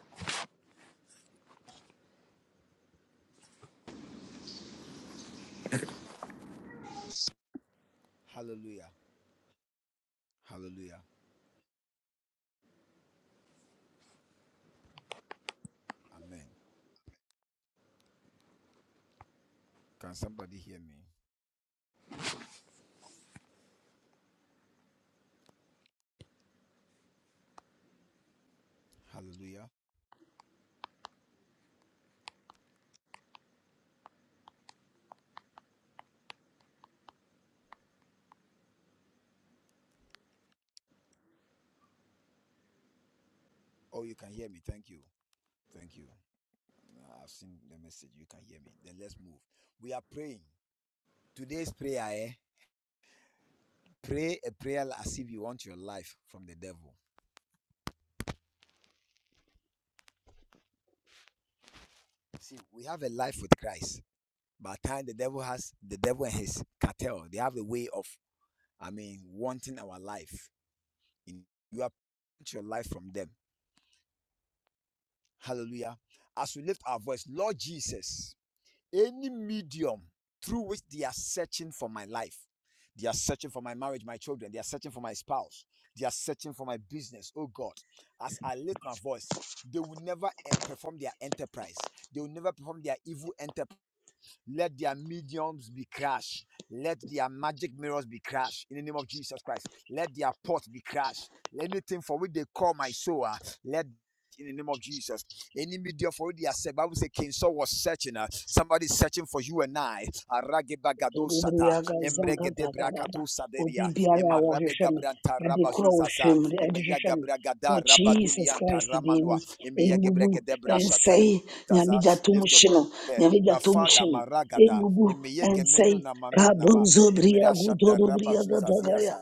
Orubriaga zanga takaraba. Obibiara wohwehwɛme. Ade korɔ wohwɛ mu de ɛde hwehwɛ me. Wɔ Jesus Christ din mu. Ɛngugu, ɛnsɛe. Nyame gya to mu hye no. Nyame gya to mu hye no. Ɛngugu, ɛnsɛe. Kabonzo bria gudoro bria gadagaya.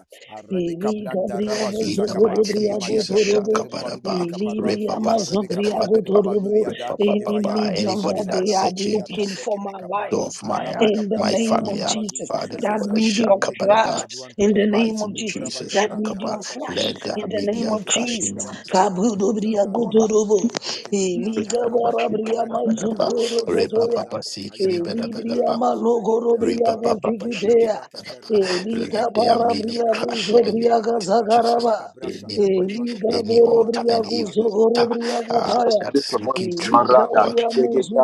Ili gabria
In
bozo
the
goro
mighty name
bria
of Jesus,
gudorobo.
Shakabaraba,
Ili bria
Repapa,
mazo bria
Sikadabadaba,
gudorobo. Any
Repapa,
medium
anybody
that they
that's
are
searching the
looking for my life
door of my uh,
in the
my
name
family,
of
uh,
Jesus.
Father
That
Lord,
medium of trust
Shakabaraba,
in
the
the name
mighty
of
name of
Jesus.
Jesus,
That medium of
Shakaba,
trust
let the
in the name
media
of
crash in the
Jesus.
mighty name of God.
Kabudobriagudurubu.
Repapa,
Iligabarabriamazudurubudoya.
Sikadabadaba, Repapa, Reba Baba Bashinga
Elibriamalogodobriagazigidea.
Baraba. Let their media crash in the mighty name of Jesus.
Eligabarabriabuzobriagazagaraba.
Anybody, any altar, any evil altar uh,
Eligaborobriaguzogodobriagataya.
that's looking through the world,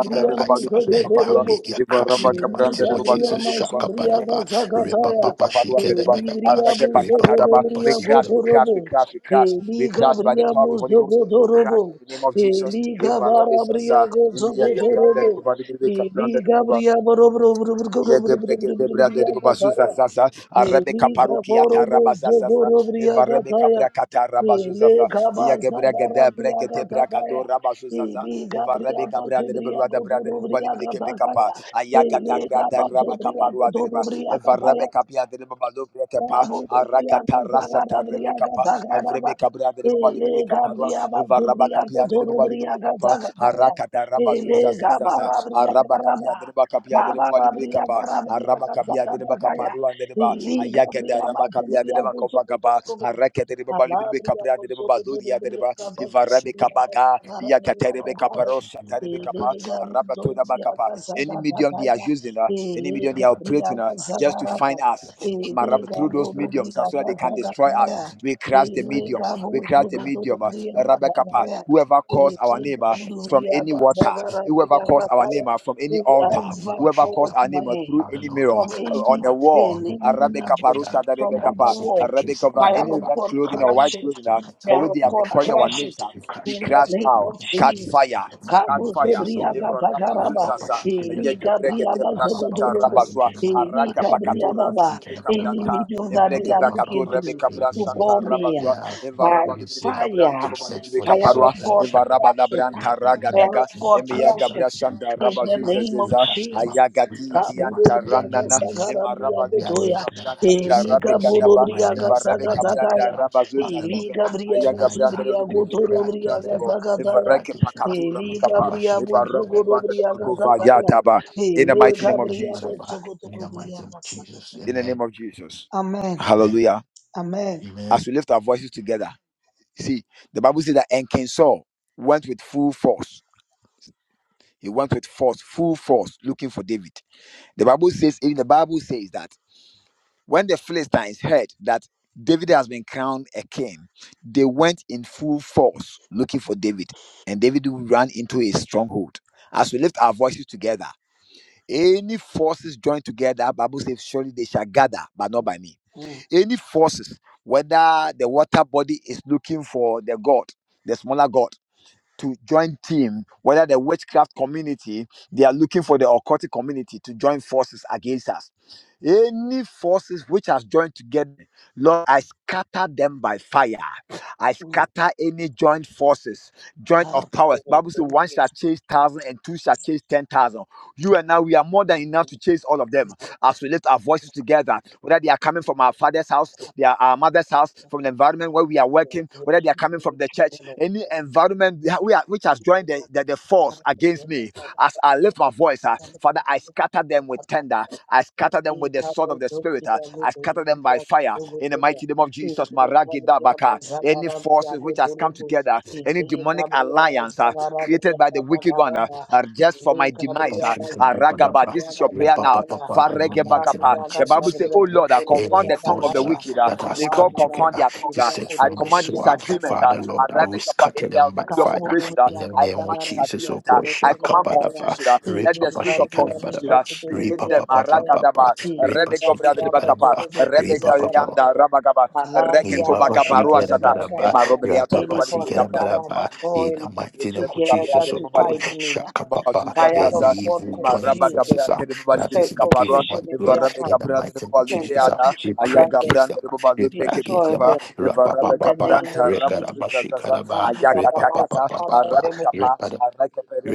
yeah, like let their media crash in the mighty
Belika
name of
bria
Jesus. Shaka
mashumbria
Badaba, Reba
kasakataya.
Baba Shika
Belibria
Badaba,
muso
Reba Baba
godobria
Bashinga
gotorobo. Elika bria muso gotorobo. Elika bara bria gozo gotorobo. Elika bria borobro bria kataya. Eliga borobo zogoro briagataya. Eliga baza gara briagataya. Eliga briaga zubriago duro briagataya. Eliga bazo briago duro Gabriel, Whoever calls my
Bashinga Baba Baba Shika Badaba. Mighty name of Jesus. Thank you.
from any pain, any needle, from the world. Fire of God, crush it. Fire of God, crush it. In the name of Jesus. Kabu Zebria Gatagaraba. Eli Gabriel Zogotorobo. Eli Gabriel Baba. Any medium that they are looking to, to call me uh, by fire. Fire of God, crush it. Fire of God, crush it. In the name of
You cast them out.
Jesus.
We cast them
Kabu
out.
Zebria
Any enemy that we are
Gatagaraba.
using uh, to send
Eliga
the soul of my
Bodobria
niece and my nephews.
Zagatataya.
uh, Father, Lord,
Eliga
uh,
Bria
Tonight, uh,
Musibria
we pray
Gotorobria
against them. uh, We pray
Zagataya.
against them. uh, we
Eliga
papa
Bria
shit them Repapashi
Musogorobria Zagataya.
Kedemaraba. Repapashi
Eliga Bria
Kedemaraba. In the mighty
Musogotobria
name of Jesus.
Zagataya.
Amen.
Amen.
Amen.
Amen.
Amen.
Mm, mm. God, we thank you. Abriya,
Ba-shaka-ba-ba-da-ba. Re-ba-ba-ba-ba. In the mighty name of Jesus, oh God. any forces uh, that has come together to search for my soul, uh, Father Lord, I will scatter them by
any
fire
forces
in the name of Jesus, oh God. Shaka-ba-da-ba. Re-ba-ba-shika-da-ba-da-ba. Re-ba-ba-ba-ba-ba-ba. Re-ba-shika-da-ba-da-ba. Re-ba-ba-ba. Ibabashikarabaraba,
that are
rapapasikarabarabaraba. In the
joined
mighty name of
together
Jesus, oh
to
God,
fight me,
shaka Shakapapa,
fire
any
of God
evil joining
confuse them
forces uh, that
send
is looking for my
confusion in
blood,
their camp,
in the mighty name of
send
Jesus, uh, we
confusion
pray
among them,
against them, uh, we pray against
destroy
them, ah.
them
Rapa
in
papa,
the
uh,
name
Rapapapapa,
of Jesus. Maria
Rekarabashikaraba,
Baba
papa.
is covered them up
Papa,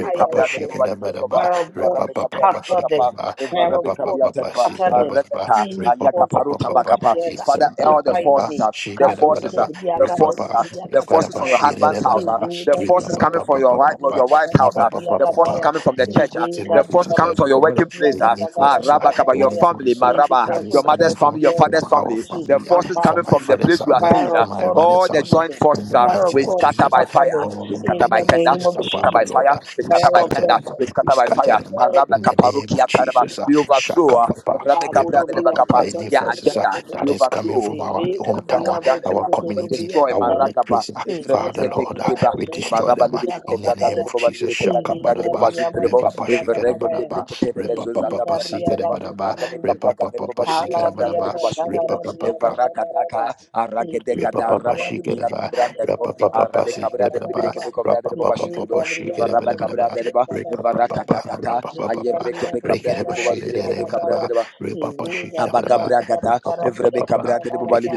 fire of God.
shikadabadaba,
Fire of God,
repapapapa
scatter them.
shikadaba,
Fire of God,
repapapapa
scatter them.
shikadabadaba,
Any forces join
repapapapapa,
together to fight
itzadabadaba,
me. Kadozo
shikadabadaba,
de Biagato,
repapa, reparapa
Biagatabada, the
shikadabadaba,
Lega
repapa
Brigado,
papa, papa, papa. In the
Biagatabada,
papa, papa,
Biagataya,
papa, in
the
mighty name
Lega
of Jesus, I
Brigado,
recover any forces,
Biagatabada,
in any
Biagataya,
forces uh,
Any
that is
forces join
coming from
together
our
to
family, uh,
attack
from my
me.
father's house, uh,
Fire of
from my
God,
mother's house.
confuse
uh,
them.
In the
Fire
mighty
of
name of
God,
Jesus, uh,
scatter them
all
in
they
the
join
name of
forces are found, the
Jesus
Lord. uh, we
fire of
scatter
God,
them. uh, We scatter them uh,
fire of
in the
God,
name of Jesus. uh, Shaka Papa, Repa
Apodobriya,
Papa, any forces
Kazanabriya,
uh, that
Kotoya,
is coming from our
Viveka
hometown,
Briya,
uh, our community,
Bazudobriya,
our
Kataya,
workplace. uh, Father
Viveka
Lord, uh,
Briya,
we destroy them uh,
Bazudobriya,
in the name
Kataya,
of Jesus. Shaka
Viveka
Badaba,
Briya,
Repa Papa,
Bazudobriya,
Shikara
Kataya,
Badaba, Repa Papa,
Viveka Briya,
Sikara Badaba,
Bazudobriya,
Repa Papa, Shikara
Alabriaga,
Badaba, Repa
Zagarabriaga,
Papa.
Zagaraba, Ede Gabriama,
Repapapashikadeva,
Zubriaga, Zagarabriaga,
rapapapapasikedeva,
Zagaraba, Ede Gabriama,
rapapapapapashikedevedeva,
Zubriaga, Zagaraba,
repapapapa,
Ede
rapapapapa,
Gabriama, Zagarabriaga, Baya,
rekedevashikedevedeva,
Ede
repapashikedevedeva,
Gabriama, Zagarabriaga,
repapapapa,
Zagaraba,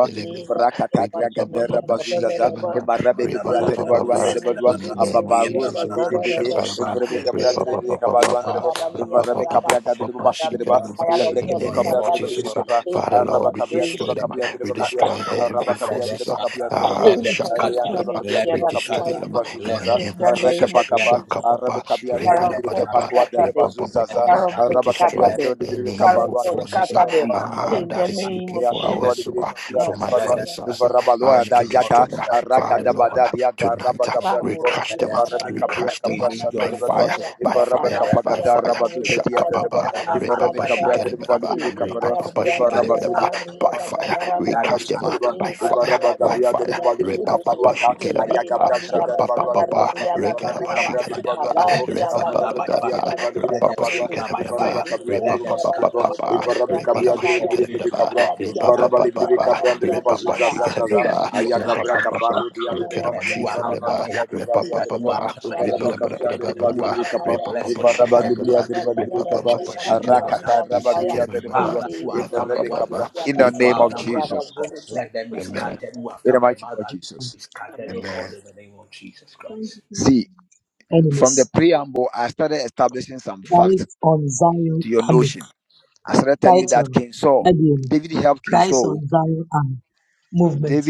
Ede Gabriama, Zubriaga, Zagaraba,
repapapapapashikedevedeva,
Any
Ede
repapapapapa.
Gabriama,
In the name of
Zubriaga,
Jesus, O Lord,
Zagaraba,
Shakalaba,
Evrebe
Ede
kabra dere dere kabadu andere
repapapapapa,
bo.
Gabriama, Zagarabriaga,
Evrebe
Raba,
kabra gadere bo
rapapapapapapa,
basu dere ba.
Carabia,
shikedevedeva.
Kayala,
Lebre
in
kebe
the
Gloves,
joint
name
kabra
of
dere bo
Kapadim.
forces
dere
Jesus,
of
uh,
God
keba.
Thank you
Father,
after
for
my life,
Araba
Lord,
the
we
kabia dere
destroy
grace.
ba
them. uh,
kabia
let them
dere
we
ba
scatter.
kabia.
destroy
Araba
heavy
kabia
Let them
dere
forces.
ba
Ah,
kabia
scatter.
dere ba
ah,
kaba.
Let
Thank you
them
for
Re
scatter.
andere ba
joining
shakapadaba.
kabia
Let them scatter. Let
dere
them
We
ba
together to
kabia
destroy
dere
fight
scatter.
ba
them ah,
me.
basu
in
Let
the
zaza.
them
In
name
the
of
scatter.
Reke
Jesus.
name
pa
of
kapa.
Jesus.
Arabe
Shakababa.
kabia dere bo
Father
Let
of
them
dere
God,
kepa
Rebadabadaba.
scatter.
kwa dere
scatter them.
basu
Let
zaza.
them
Father
Rebabababa.
of
scatter.
We
God,
Araba kabia
scatter
destroy
Let
dere bo
them.
them
dere
any
scatter.
Father of
evil
kabaru
God,
In
anda.
the name
forces
of
ah,
scatter them.
Evrebe
Jesus,
kabia
ah,
let
dere
In
bo
them
the
that
kaba.
is
scatter.
name
looking
Re
of
for
andere
In
Jesus.
the
our
bo
soul
name
dere
ah,
of
kabia
from
come
dere
Jesus,
my
ba dere
let
ba.
them
father's house ah,
scatter.
Evrebe
ah,
loa
In the
da
to
name of
yada.
destroy. ah.
Jesus, let
Father
them
Lord, ah,
scatter.
Aragadabadadia
In the name
Daraba
tonight ah,
of
we
Kabur
Gabriadabo,
Jesus,
crush
let
dia,
them. ah,
them
Eva
karena
We
scatter.
Rebecca
dia,
Bia
crush
kata
We
them
Cabra
ah,
karena
need
by
dia,
join
Shandarabadua,
kata
fire,
forces
ya
by
Eva
God in
fire,
the
Rebecca
Allah
realm
by
of
dia,
Pagada
the
itu
fire.
Rabadu
sungguh
spirit
de
uh,
Dia
dia, kata
Dadaba,
Shakababa.
that
karena
are
Eva
at
dia,
Repapa.
my
Rebecca
kata ya
life and
Briadaba
Shikereba.
after
Libri
my
ini
Caparua,
kan
life.
Rapapapa.
dia,
Eva
That
kata
is
Shikereba.
Rabadu
karena
after
Dia
dia,
By
kata
fire.
me.
We
karena
That
catch
is
them uh,
Taraba,
after
by
ini
my
kan
Eva
marriage.
fire,
dia,
Rabba
by
Let them
Gabria
kata
de
fire.
dia,
Bali
by
itu
fire.
she she she she she she
Caparuata,
get get
Let
get
ini
get
Ayaga
get
kan
them
a
scatter
dia,
by
Shanda de
kata
baba,
fire.
Badua de
karena
repa papa
Bo,
papa,
Let
dia, kata
them
Ivarabe
repa
scatter
karena
by
she
Cabria
get
de
a
fire.
Badua de
baba,
Allah
Let
Bo,
them
dia,
repa
kata
scatter
papa
Avarabe
by
karena
Cabia
fire.
papa,
dia,
de Badivire
itu
Let them
repa she
Capadua,
get
sungguh
scatter
a
by
Ivaraba
baba,
fire.
ini
Cabia
kan
de
repa
Let them
dia,
Basu de
kata
scatter
Bo,
by
sungguh
papa,
fire.
Ivarabe
dia,
It
kata
Cabia
is
repa
de
she
karena
get
Badivire
a
also
baba,
Cabra,
all
Allah
of
dia,
repa
kata
Ivaraba
darkness are
dia,
Libi
kata dia, Allah Allah
papa,
Cabra de
Allah
come
repa papa, repa
Basu
papa
Gabriela,
she
together,
get a
Zazazaza,
and
baba,
you are
repa
after
Ayagabra
my
papa
Caparu dia
destiny,
de Deba,
and
she
you are
get a baba, each
Ivaraba
get a shikerababa,
after my
Cabia de
life,
Badua
and
de
you
rapapa
Bo,
are after my
Ivaraba
glory,
Cabia de
and you
rekaraba
are
shikerababa,
Badivire
after
Capa,
my
repapa rapapa shikerababa, repapa reparaba
blessings,
Ivaraba
and you
Libria
are
shikerababa,
de
after my
Badivire
repapa
Capa,
marriage,
repapa shikerababa, repapa rekaraba shikerababa, repapa reparaba repapa shikerababa, repapa
and you are
shikerababa,
after my health.
ikikerababa,
Father, who are after my wife,
Cabra,
those who are
repapa
after my
repapa.
daughter, let them be
Amen.
scattered. Who are after my mother, let them be scattered, oh
Amen.
God,
Amen.
in the name of Jesus Christ.
enemies. Christ on Zion Army. Title Abiel, Christ on Zion Army Movement.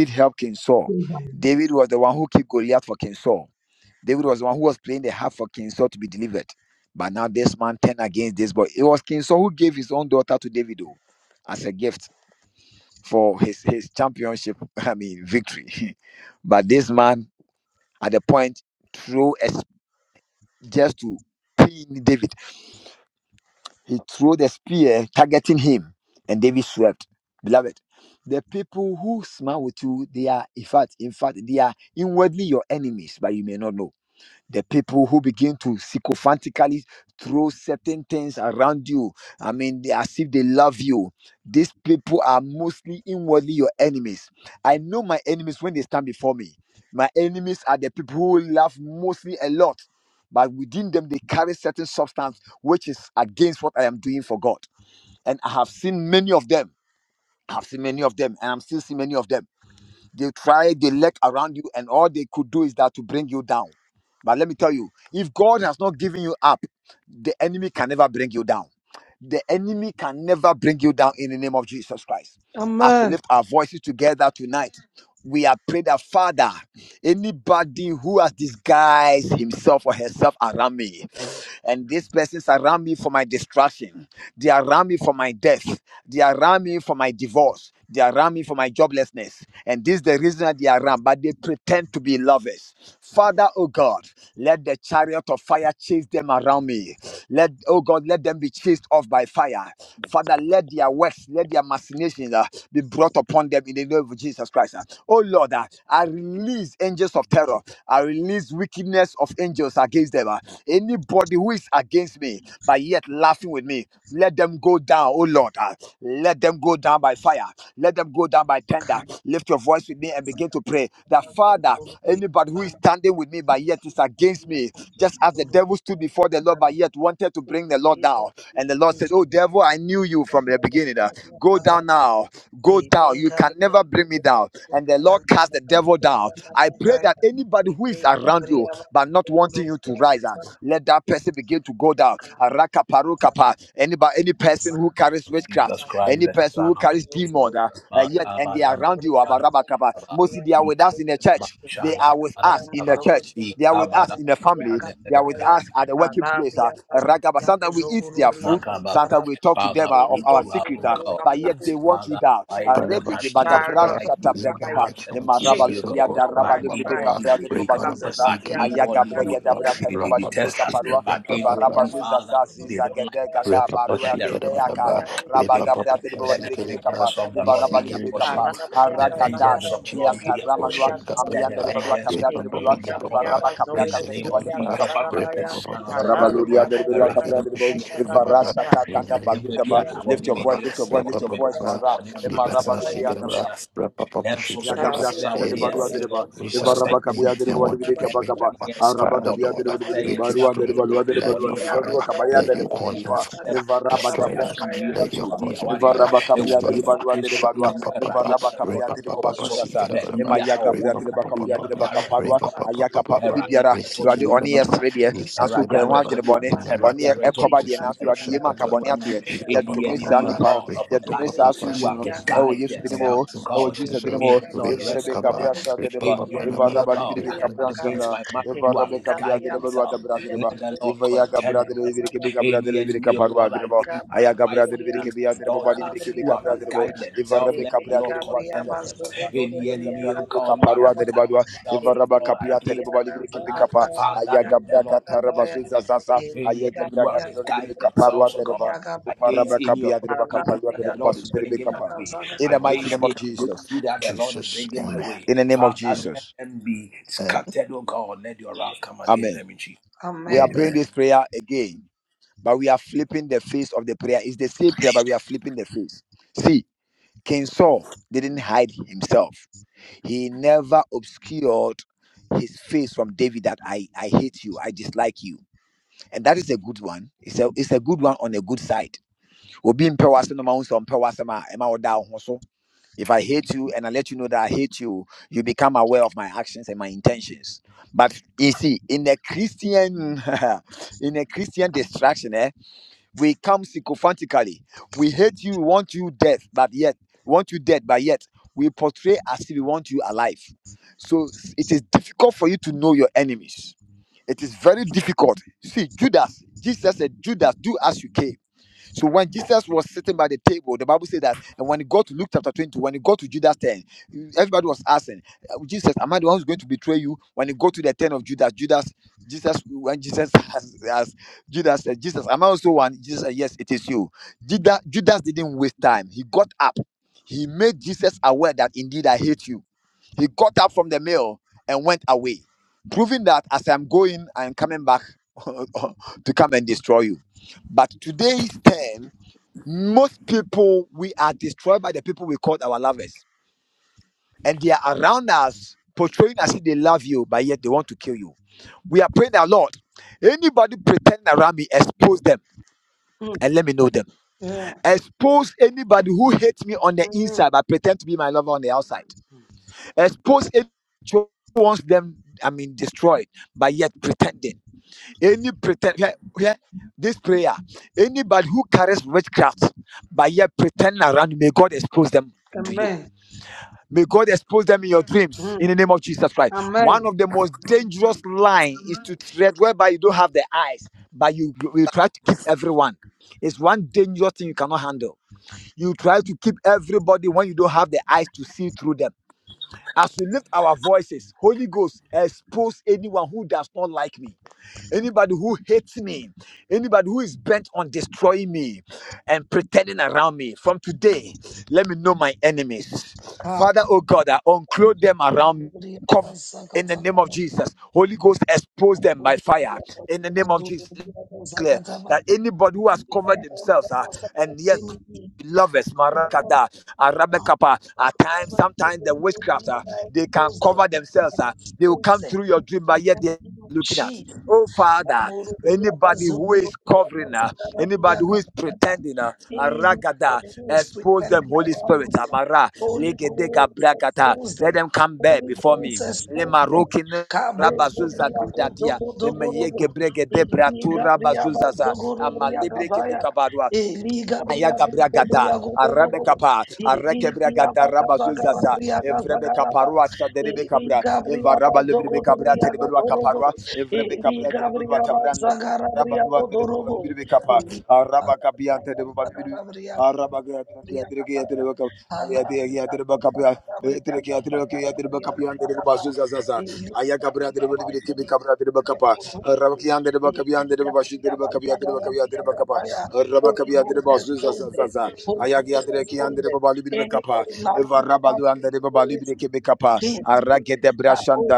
Amen. Thank you. Chariots
Jesus Christ, the Son of the living God. Makabadabadabadaba, ikabadabashandabadabadaba, ikabadabashandabadabadaba, makababa. Father, those who are,
secret,
oh
uh,
God,
but yet they want you
Father,
down. Uh,
trying
Father,
and
my
Rebigi
acting
secret
to
bagabras
power,
of
like me and
in
my
the
shatabrekepa,
fire,
house
mighty
and
name of
family,
Jesus,
chase
oh
oh
emarabaludia
God,
them
God,
from
Father,
but
my
Papa,
darabalibibika
side.
Papa,
inwardly they hate
Father, my secret,
bradebazuzaza,
but
Papa, Reparabasi, get
Karabudiya,
him,
inwardly they,
ayagabrega
Papa, Papa,
Karabudiya, Karabudiya,
they, they, they
Rapapa,
detest us,
shake
bradebabalibibikaparua,
but
him,
inwardly, Father,
embarabazuzaza
they
Karabudiya,
don't like
Karabudiya,
us.
zizagedegada
Repapa
barua
Let the wrath of
debeaka.
shikadabadaba,
God
Kali
come
Rabba
against them.
Gabriel
repapapa
de
Let the
sikadaba,
Bikapa,
vengeance of the Lord
Nivaraba
be their portion.
Libikapa,
nisikadabadaba, In
Let the
the name
vengeance
of
Aragadas,
of the Lord
Jesus,
be
Dianta
their portion.
Ramanua,
Let the
Amianda
Goshakabadaba,
Rebadua
vengeance of
Tabra de
the Lord
Rebadua,
be their portion.
repapapapapa,
Varaba Cabra
In the name
Cataribali
of
resikadabadaba,
Jesus Christ, the
Bikaparua,
Son of the Living God
Varabaluria
repapapapapa,
derberu akapra derbo.
rekadabashikadabadaba,
Varasa
In the
takanda
name of
badudaba.
nipabiara
Jesus, oh
Lift
ɔne
your
me
Lord,
voice,
yere
lift your
sere
voice, lift
ɔne
your
me ba
voice,
repapapapa,
sere
Vara.
ɔne me maame
nibadaba
sere ɔne me
Emarabaluria
sikadaba,
derberu.
abusua sere
repapapa
nanso so
shikadabadaba.
Yagabra
sere a
shata
ɔne
de
yɛ
Briya
barua
Anybody
sere no
derba.
Bhushan
who is
ɔhyɛ
Varaba
around
yɛ
me
wɔ ne
kabia
tiri
and
derbo
mu
wadi
want to
bidika
bring me
nanso
bakaba.
ɔne
down,
yɛ sere
Araba
no
Father
kabia
Lord,
ɔpɛ
derbo
sɛ ɔhyɛ
bidika
we
yɛ nsa
barua
destroy
ano
derbo
them.
adwuma
barua derbo
Let
ɔne
barua
your
yɛ
derbo
sere
fire.
barua
no ɔpɛ
kabaya
Let
derbo.
your
sɛ ɔhyɛ yɛ
consuming
sika sɛ
fire
Varaba
ɔhyɛ yɛ
destroy
gabra
them.
shata
asomdwie
de
ɔpɛ
Let
sɛ
your
bakaba.
obu yɛ
consuming
awareɛ
fire
Varaba
ɛwɔ
kabia
destroy
derbo
yesu
them.
barua derbo
kristo din
barua.
Shaka
mu
papa
awurade
papa,
Varaba
awerɛtɔ
kabia
repa papa
nkɔ
derbo
wɔ
papa,
so
bazuza sa.
sikira
baabi
papa,
biara
Emaya
ɔwɔ
gabra
repa
derbo
biara
papa
kabia
onyame
derbo
papa,
awerɛtɔ
kaparua.
nkɔ
repa
wɔ
papa
so
Ayakapa
papa,
awurade
ubibiara.
awerɛtɔ ne
Awurade
wɔ
resikira
mu
ɔne yɛ
ni
papa,
sere deɛ nanso
resikira
Ẹ̀rọ̀adé
wokura wo
ààrẹ
ho
ẹ̀tọ́
papa.
adwene bɔne
In the
ɔne yɛ
mighty name of
ɛkɔba deɛ
Jesus, we
nanso
go
Awurade yɛ mu
shaka
anka bɔne
papa,
ato yɛ
repa
any
papa
yɛdome
enemy,
saa
O
papa,
nnipa no
God of
repa
my
yɛdome
life,
papa papa,
who have
no
sikira papa.
disguised
In
Thank you.
the
themselves,
mighty
O
name of
God.
jesus
Jesus,
din
Gabriel,
May
mu o
the
we
Lord
pray.
ɛvere
rest
shaka
with
papa,
them.
de
repa
deba
papa
Any
papa,
ɛva
enemy, O
raba
repa papa papa,
libiri
God,
bɛ
repa
kabra
papa
against
nsanda
my marriage,
ɛva
who have disguised
de deba ruada
themselves,
bra de
let
deba
the Lord
ɛva
contend
de
with
deba
them.
libiri de
Any
libiri
enemy, O
kaparua
God,
de deba
against my
aya gabra
wife,
de libiri
against
kebi
my
de deba ba
daughter,
libiri kebi
who have
de deba
disguised
ɛva
themselves,
raba
let the
kabra de
Lord
jesus
contend with them.
zazaza
Any
aya
enemy, O
de deba
God, who have
kaparua de
disguised themselves, O
deba
God, against my mother, Father, let the Lord that them any anyone misguide themselves, oh God, against any opportunity that the Lord is bringing my way,
papa,
against
shaka
any
papa.
breakthrough that the Lord is
Jesus,
bringing my
amen.
way. Father, let them be
and
scattered, oh God. Let your wrath come against them in Jesus.
amen.
Amen.
Mm. Yeah. Mm. Amen. Mm. Amen. Ah. Anybody who is pretending around me, Holy Ghost expose them. Holy Ghost expose them. Kabo zobria go zogo zogo robo. Eli gabria ba zogo robria gabaya. Eli gabria bu zobria go robo. Eli bria ba gaba garabria gaba garaba. Eli gabria ba zogo robria go robo. Ili Gabriel Zagarabriya Godorobo, Ili Gabriel Zagarabriya
Arabazuzaza,
Zagarabriya Gabaya, Alabriya Zagarabriya Zagarabriya Gabaraba, Ili Gabriel Zagarabriya Godorobo, Ili Gabriel Zagarabriya Gabaya, Holy Ghost expose them, Holy Ghost expose them, anybody like me around me who is against me, that Holy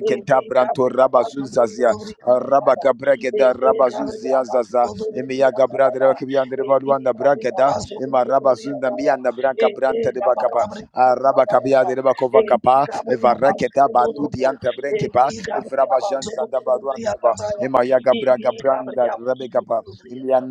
Ede Gabriel Abando
Rabazuzazia,
Rodori Agabada.
Rabagapa,
Ede Gabriel Abando Rodori Agabada. Ede Gabriel Abando Rodori Agabada. Ede Gabriel Abando Rodori Agabada. Ede Gabriel Abando Rodori Ede Gabriel Abando Rodori Agabada. Ede Gabriel Abando Rodori Agabada. Ede Gabriel Abando Rodori Agabada.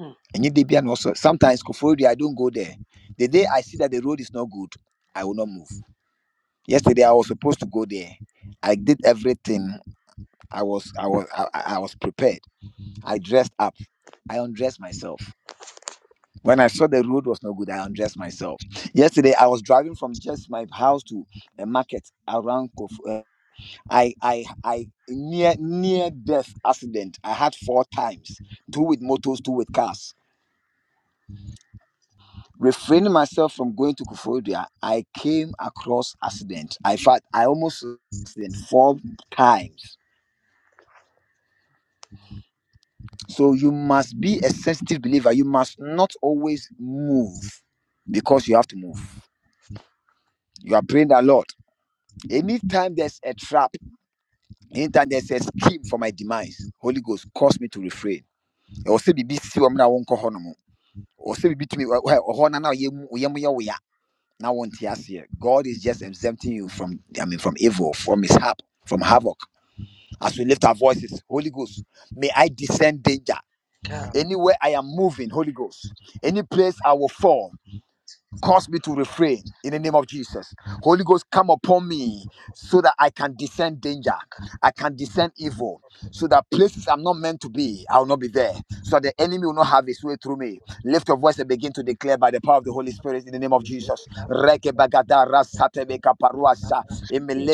Amen. Mm.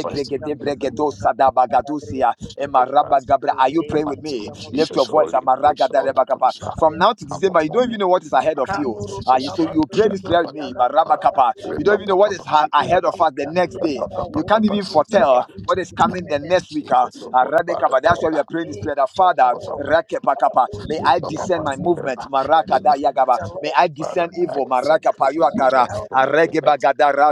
First, for the children of us, in the mighty name of Jesus, Holy Ghost, Holy Ghost, uh,
Kataya
come upon me, in the mighty name of Jesus,
Kaburutia
check
Bazuburutia
uh,
Gataratia
Papa, Papa, she
Within Katia Baba
Papa,
Wubu
Papa, she
to Spread it,
Jesus, oh God,
to
Father, Lord,
spread it,
Papa,
Jabo, Kabuzutia
Papa,
Gaza,
she
to spread
in the
it, Jabo,
Father, I descend
Kaburutia
for you, Lord,
Gaza,
Lord, Lord,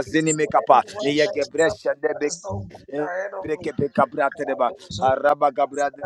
it's spreading one
Jesus,
that is something that
Yegebresha
is no good ahead of me.
Breke pe kabra tereba.
Holy
Araba kabra de.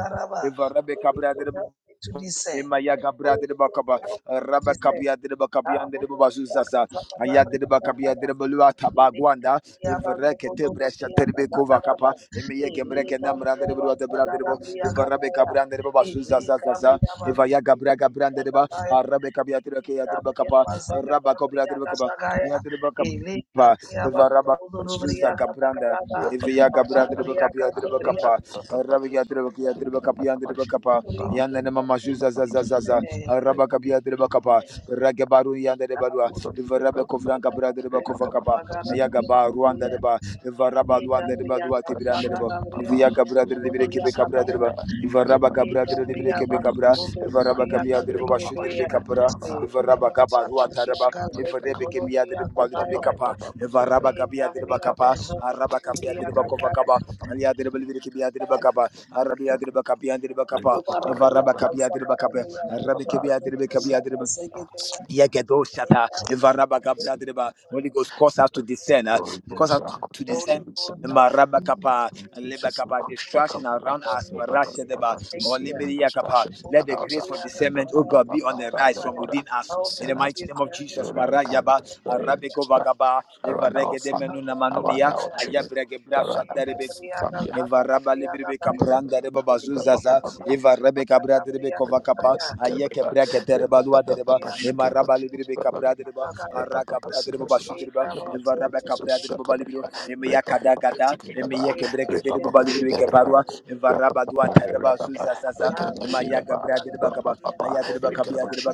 Eva rabe kabra de.
Ghost, help me to discern.
Emaya Gabra
Holy
de
Ghost,
Bacaba,
help me to discern.
Rabacapia de Bacapian de Bazuzaza, Aya de Bacapia de Balua Tabaguanda, Evrekete Brescia Terebecova Capa, Emia Gemreke Namra de Bua de Bradebo, Evarabeca Brand de Bazuzazaza, Evaya Gabra Gabran de Ba, Arabecapia de Bacaya de Bacapa, Rabacobra de Bacaba, Yadreba Capa, Evaraba.
Papa,
Zuza Gabranda, Evia
she
Gabra de
got
Bacapia de Bacapa,
Ele
about,
Rabia de
Jesus,
Bacapia
Papa,
de Yanana mama juza za za za za. Araba kapia de bakapa. Rage baru yanda de barua.
Thank
Ivarabe kovranka brada de bakova kapa. Ayaga ba Rwanda de ba. Ivaraba Rwanda de ba duati branda de ba. Iviaga brada de bire kebe kabra de ba. Ivaraba kabra de bire kebe kabra. Ivaraba kapia de ba shu de kapra. Ivaraba kapa duata raba. Ivarebe kebia de ba de kapa. Ivaraba kapia de bakapa. Araba kapia de bakova kapa. Alia de bire kebia de
you.
bakapa. Arabia de bakapia de Bacapa. Evaraba kapia driba kapia. Arabi kapia driba
it's in
kapia driba. Yegedo shata. Evaraba
the
kapia driba. Holy Ghost cause us to descend. Uh,
Holy
cause
Ghost,
us
I
to,
could
to
not to
descend.
be seen.
Maraba kapa, leba
Jesus, the
kapa,
Christian
distraction
Kabbalah,
around us.
the Baba,
Marasha deba,
Baba, the
Thank
Savior, the
olimiria kapa.
Passion, the
Let the
Announcer,
grace for
the
discernment, oh
Baba,
God, be on the
Baba,
rise
the
from
Lord,
within us.
the
In the mighty
Senator,
name of
the
Jesus,
Lord, God,
Marajaba,
the Lady,
you.
Arabico Vagaba,
Thank
around our
Evarege de
family,
Menuna
around
Manunia,
our children,
Ayabrege brasha
around
derebe. Eva Rabba Libri Capranda Reba
my
Bazuzaza,
family.
Eva Rebe Cabra de Rebe Ayeke Bracket Reba Lua de Reba, Ema Rabba Libri Capra de Reba, Araka Bra de Reba Bashu de Reba, Eva Rabba Cabra de Reba Balibro,
you.
Gada, Emeyeke Bracket de Reba Libri Caparua, Eva Rabba Dua Tereba Zuzazaza, Ema Yaga Bra de Reba Caba, Ayat de Reba Cabia de Reba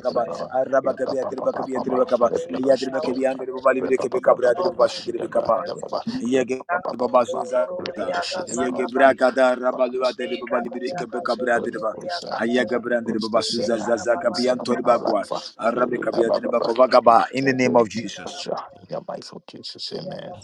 Araba Cabia de Reba Cabia de Reba Caba, Ayat de Reba Cabia de Reba Balibri Cabra de Reba Bashu de Reba Yege Baba Yegebra kada rabalua
bounds of
de baba
the
libri
mighty name of
kebe
Jesus.
kabra de
Holy
baba.
Ghost, uh,
Aya
Holy
gabra de
Ghost,
baba
descend,
suza
uh,
zaza
descend
kabian tori
upon our
bakwa.
life. uh,
Arabe
we- uh,
kabia
ba-
de
ba-
baba
We
kovagaba in the
take it
name of
into
Jesus.
treasure in the mighty name of Jesus. Amen.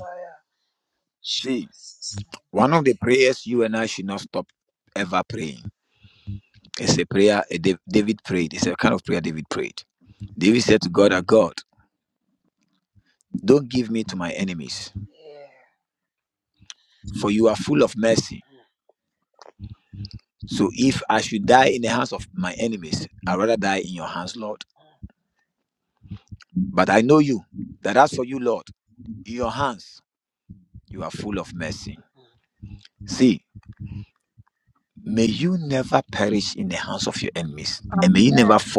Amen.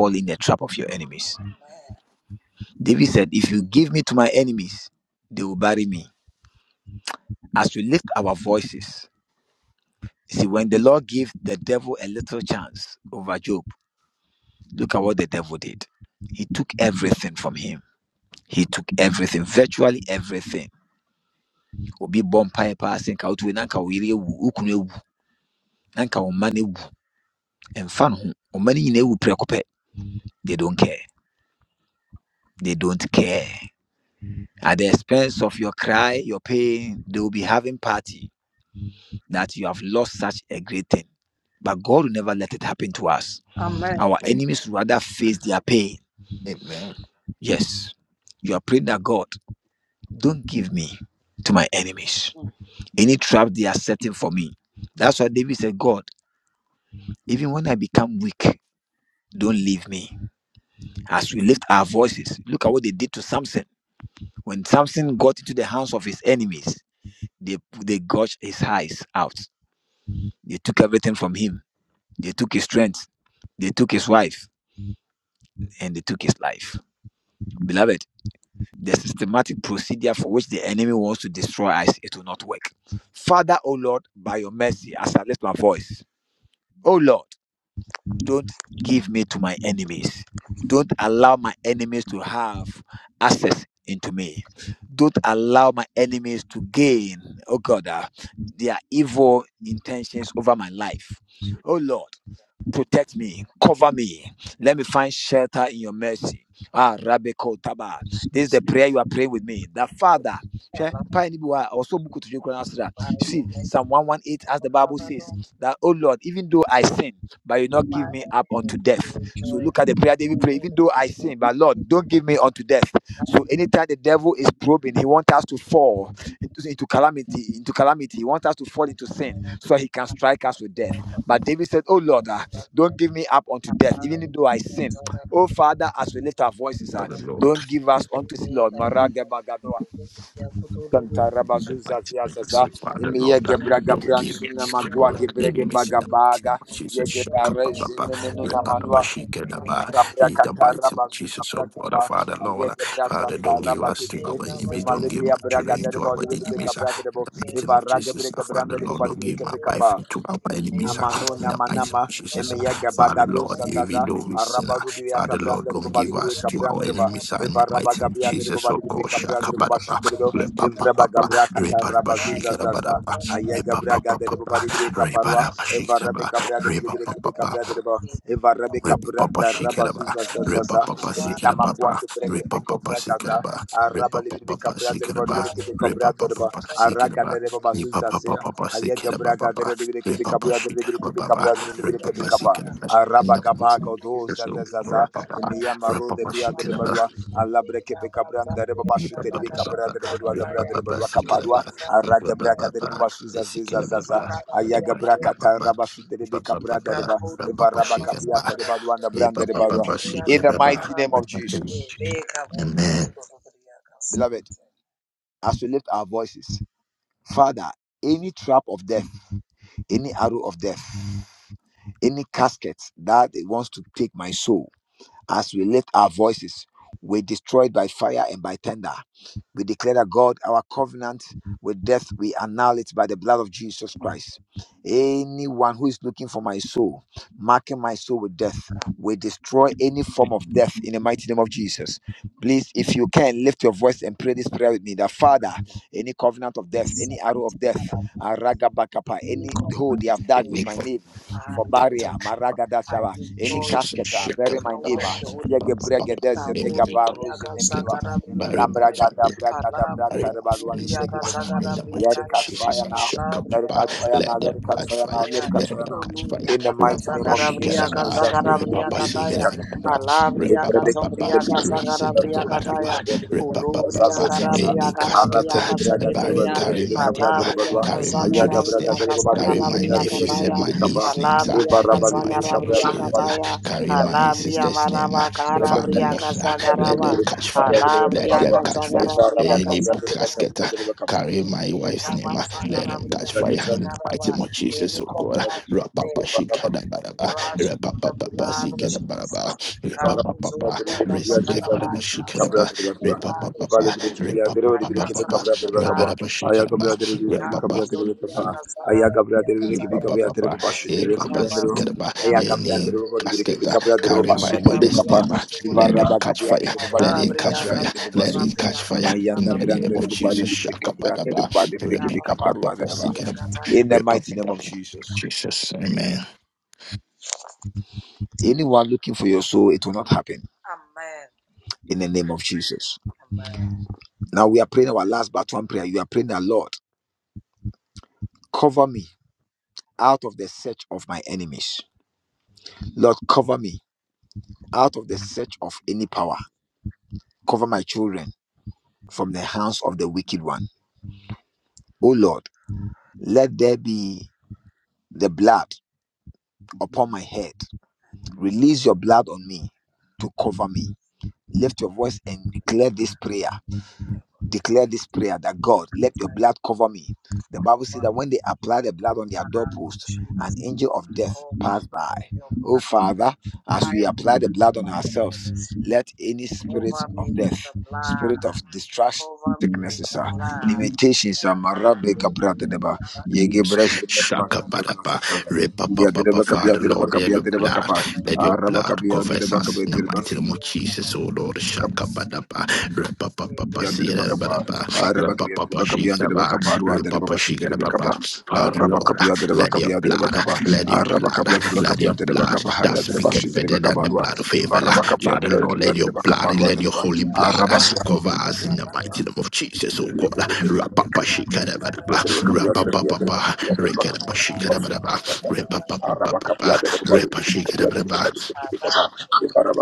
Amen.
Amen. Amen.
Mm.
Praise the
Father, by your mercy, O Father, Lord, to my enemy to rejoice. O Lord, we thank you for the power and the fire and the death of the and the darkness. And now we thank you for the gift of the and
Lord,
the
the
fire.
Lord.
We lay the wicked, we put the wicked,
In the mighty name of
I'm
Jesus,
not
Father, Lord, uh, don't give it to our enemies in the mighty name of Jesus. Shakababa, Rebabashikadaba, in the mighty name of Jesus, oh Father, Father, Lord, uh, Father,
Shanta
don't give us
rabatu
to
libe.
our enemies,
Ema
don't give
libri
my children
de
into
baba
our
libri
enemies, uh,
de
in
baba.
the mighty name
Eva
of
rage
Jesus,
bre
uh,
gabra
Father,
de
Lord,
baba
don't
libri
give my wife into our enemies, uh,
Amano
in the mighty name
namanama
of Jesus, uh,
emeya
Father,
a
gabagado
Lord, even
satata
though we sin, uh,
arabaru biya
man.
Father, Lord,
kabranda reba
don't
bali
give
biya
us to our
kabranda reba
enemies, uh, in the
eva raba
mighty name of
gabia reba
Jesus, oh
bali biya
God,
kabranda
Shakababa.
reba bashite reba evra bagabra kata raba zuza zaza
Re-ba-ba-shake-a-da-ba-da-ba.
aya gabra gade reba
Re-ba-ba-ba-ba-ba.
bali biya kaparwa eva rabe kabra de biya kebe kabra reba eva rabe
da ba
kabranda
shake a
raba
da ba
zuza
ba
zaza
ba
zaza emi
ba
amakwa
ba
kebre
re
kebe
ba ba ba
kovra gata
ba
araba libiya
ba ba ba
kabra
shake a da
reba bali
ba ba
biya kebe kabra
ba
reba
ba ba shake a
araga
ba
reba bazuza se
ba ba ba ba shake ba ba ba ba ba
Thank you.
shake
Ayega
ba ba
braga
ba
dere de bireke
Thank
be kabra dere de bireke be
Re-ba-ba-ba-ba-shake-a-da-ba-ba-ba. ba ba ba ba ba
kabra dere de
ba
bireke be
ba shake
kapa.
ba
Araba kapa kodo za za za za. Emiya
ba
maro
ba
de biya dere
ba
balua. Allah breke be kabra dere baba shu dere be kabra dere balua da bra dere balua kaparua. Araga braga dere baba shu za za za za za. Ayaga braga ta raba shu dere be kabra dere
Amen.
you. You may come back to Hallelujah. I give glory
Jesus,
to the
shit, come on.
power of the Holy
Papa,
Ghost.
papa, every
Kaboro
time I
briaga
casket,
zagara
bury
briaga
my
taya.
family,
Ala
bury my
briaga
family's name
briaga zagara
in the
Let
mighty name
briaga
it
of
ya.
catch
Jesus
fire
and
now.
shut
Ala
up,
Let it
papa.
briaga
catch fire now.
Let
zagara
Let
them
it catch
catch
briaga
fire
fire,
now. Let
taya.
it
let
catch fire
them
now.
Olu
catch fire.
In the
briaga
mighty name
Rapapa,
of
zagara
Jesus.
briaga
shigeraba,
zagara
repapa,
briaga taya.
shigeraba,
Ala briaga
repapa, papa,
zombriaga zagara briaga taya.
reseketabadaba, repapa,
Olu
papa.
briaga ra
Any
briaga ra
casket,
briaga
bury,
zageteya.
carry my name,
Alabria
carry my
Casagara
children's name,
Bria
carry
Casagara
my
Bria
nephews and
Cataya,
my niece's names
Alabria
in the mighty
Casagara
name of
Bria
Jesus.
Cataya,
Carry my in
Alabria
sister's name, uh,
Manaba
the
Cara
Father,
Bria
Lord. uh, Let
Casagaraba,
them catch fire. Let
Alabria
them catch fire.
Casagara Bria
Any
Casa.
casket, uh, carry my
Any
wife's name.
covenant
uh, Let them catch fire in the mighty name of Jesus, oh
Araba
God.
with
Rapapa
them,
shikadabaraba.
rush it to the
Rapapapa
blood of
sikadabaraba.
Jesus.
Rapapapa.
Kabuzubia Katakara,
Resikadabara
I cancel
shikadaba.
it with the blood of Jesus.
Rapapapa.
I cancel it
Rapapapa.
with the blood of
Rabaraba
Jesus.
shikadaba.
Kabu
Rapapa
Zodria Kasagara
ba
Yakataya,
ba ba Eh, ba ba
Kaba Zodria
Any
Kutubu,
casket that carry
Kaba
my modesty,
Rabria
name, ah, let
Kutubu,
them catch fire, let it
Alabria
catch fire, let
Kasagara
it catch
Briaka,
fire in the name
Rabria
of Jesus.
Kataya,
Shaka-ba-da-ba. ba
Kabria
ba
Rabria Kataya.
Jesus, amen.
Amen. Thank you, Lord, the name of Jesus. Oh, for your blood. Hide me from my enemies. Cover me with the blood. Cover me with the blood. Thank
Shaka Padapa, Ripa Papa Father, Lord, let your blood, let your blood covers us in the mighty name of Jesus, oh Lord, Shaka Padapa, Ripa Papa Sierra Badaba, Ripa Papa Shikaba, Ripa Shikaba, Father, Lord, let your blood, let your blood, let your blood that speaketh better than the blood of Abel, Father, Lord, let your blood, let your holy blood cover us in the mighty name of Jesus, oh God, Rapa Shikaba, Rapa Rekerabashikarabraba,
you.
Repapapapapa, Repashikarabraba,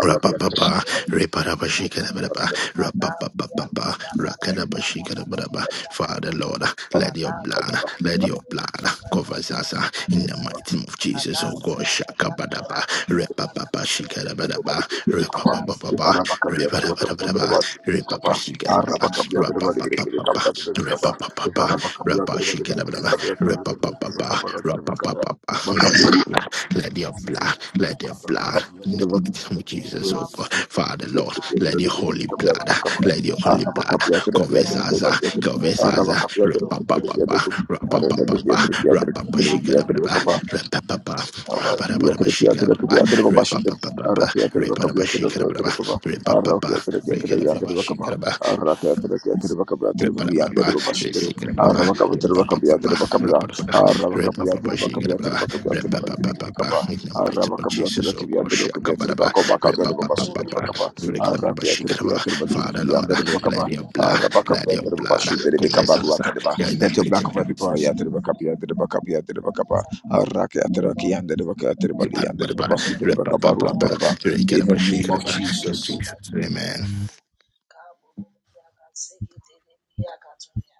Rapapapa, reparabashikadabadaba, rapapapapa, rakadabashikadabadaba. Father Lord, let your blood, let your blood cover us uh, in the mighty name of Jesus. Oh God, shakabadaba, repapapa, shikadabadaba, repapapapa, reparabadabadaba, repapashikadabadaba, rapapapapa, repapapapa, rapashikadabadaba, repapapapa, rapapapapa. Let your blood, let your blood, let your blood. In the mighty name of Jesus, oh God. Father, Lord, let the holy blood, let the holy blood cover Zaza, cover Zaza, rapapapa, rapapapa, rapapa, shigadababa,
Araba
rapapapa, rapapapa, shigadababa, rapapapa, rapapapa, shigadababa, rapapapa, rapapapa, shigadababa, Jesus, oh God, shakabaraba, repapapapa, rekadabaraba, shikaraba. Father Lord, let your blood, let your blood commence us. Yeah, in the mighty name of Jesus. Repapapapa, repapapapa, rekadabaraba, shikaraba. In Jesus, amen.
Thank you.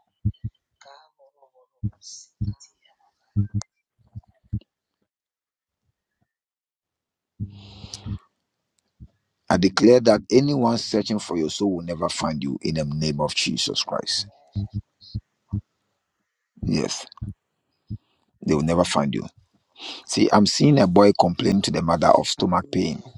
Amen.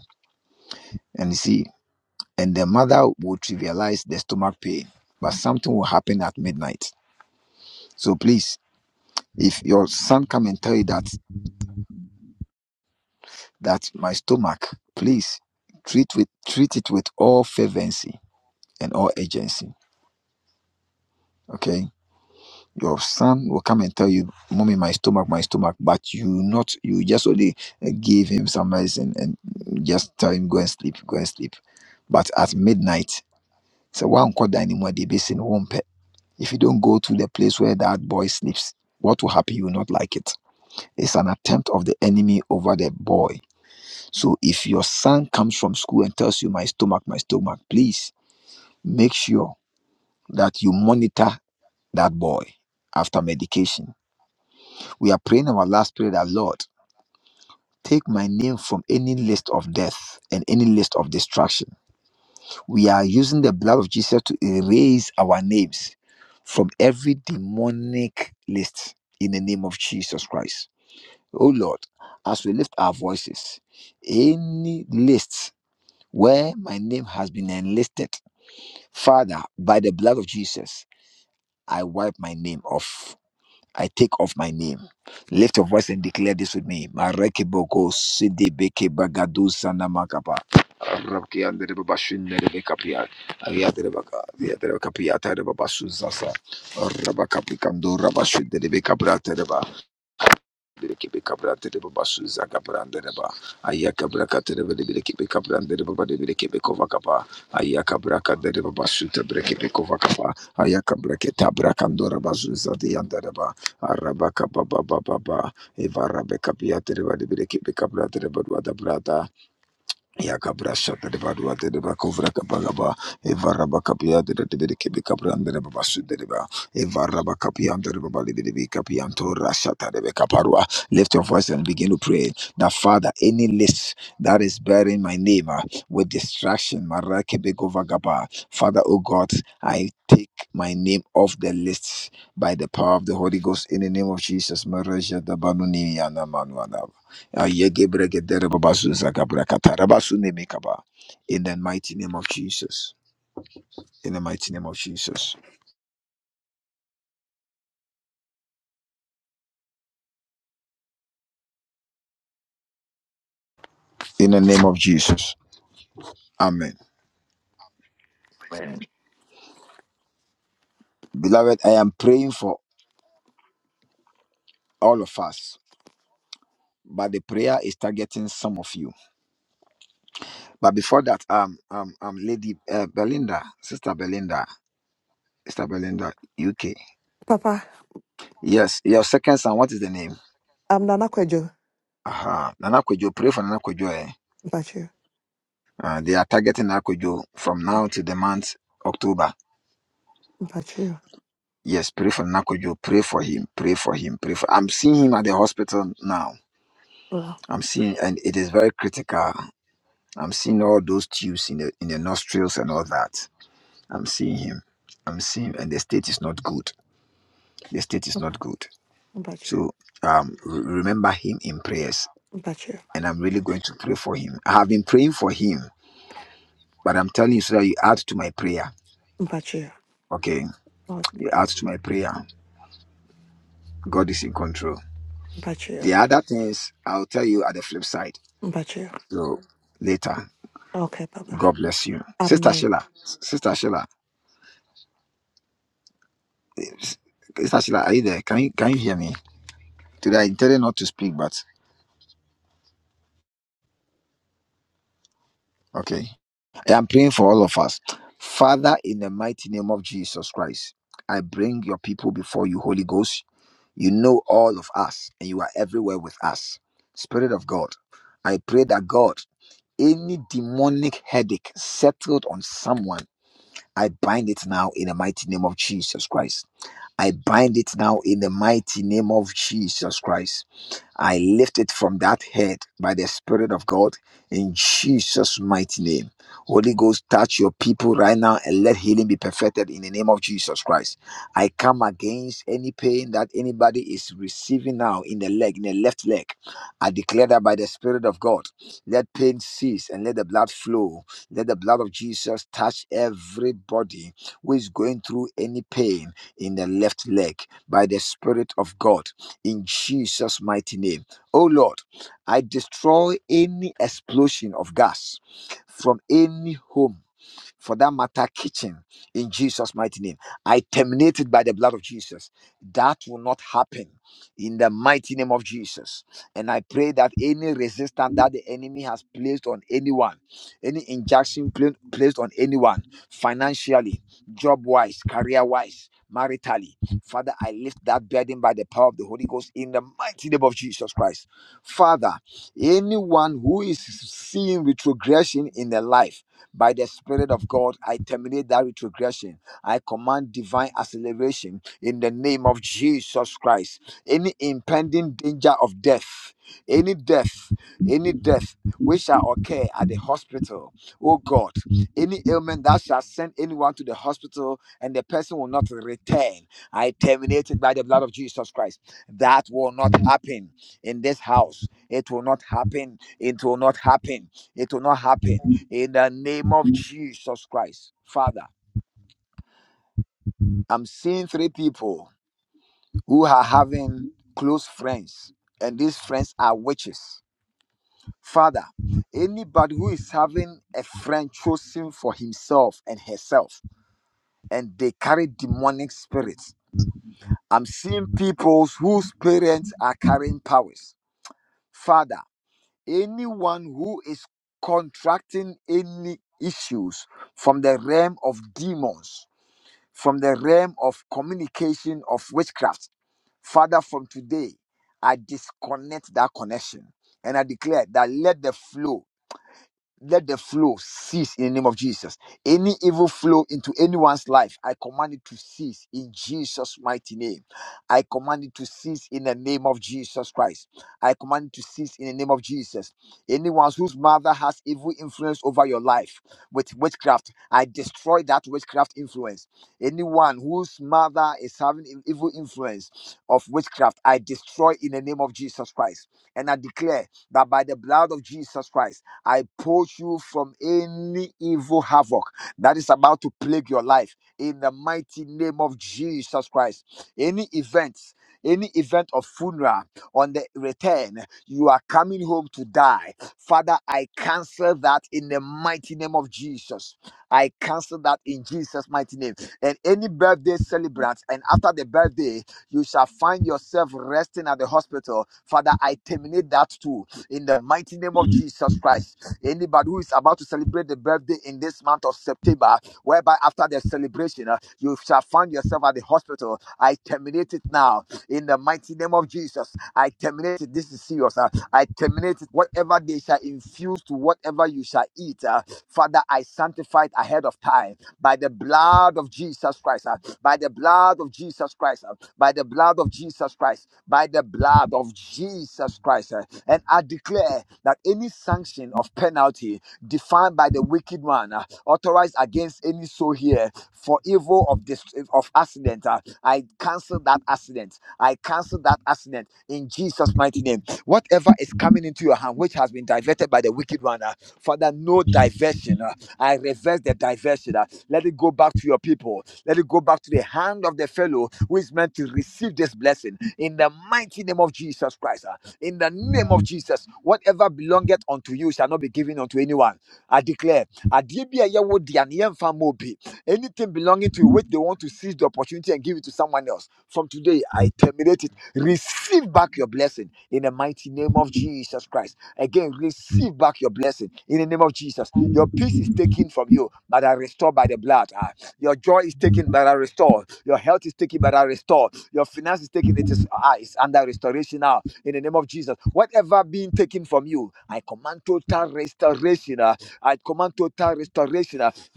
Papa, I'm Nana Kwejo. Mpachu. Mpachu. Well, Mpachu. Mpachu. Mpachu. Okay. Mpachu. Mpachu. Okay, Papa. Amen.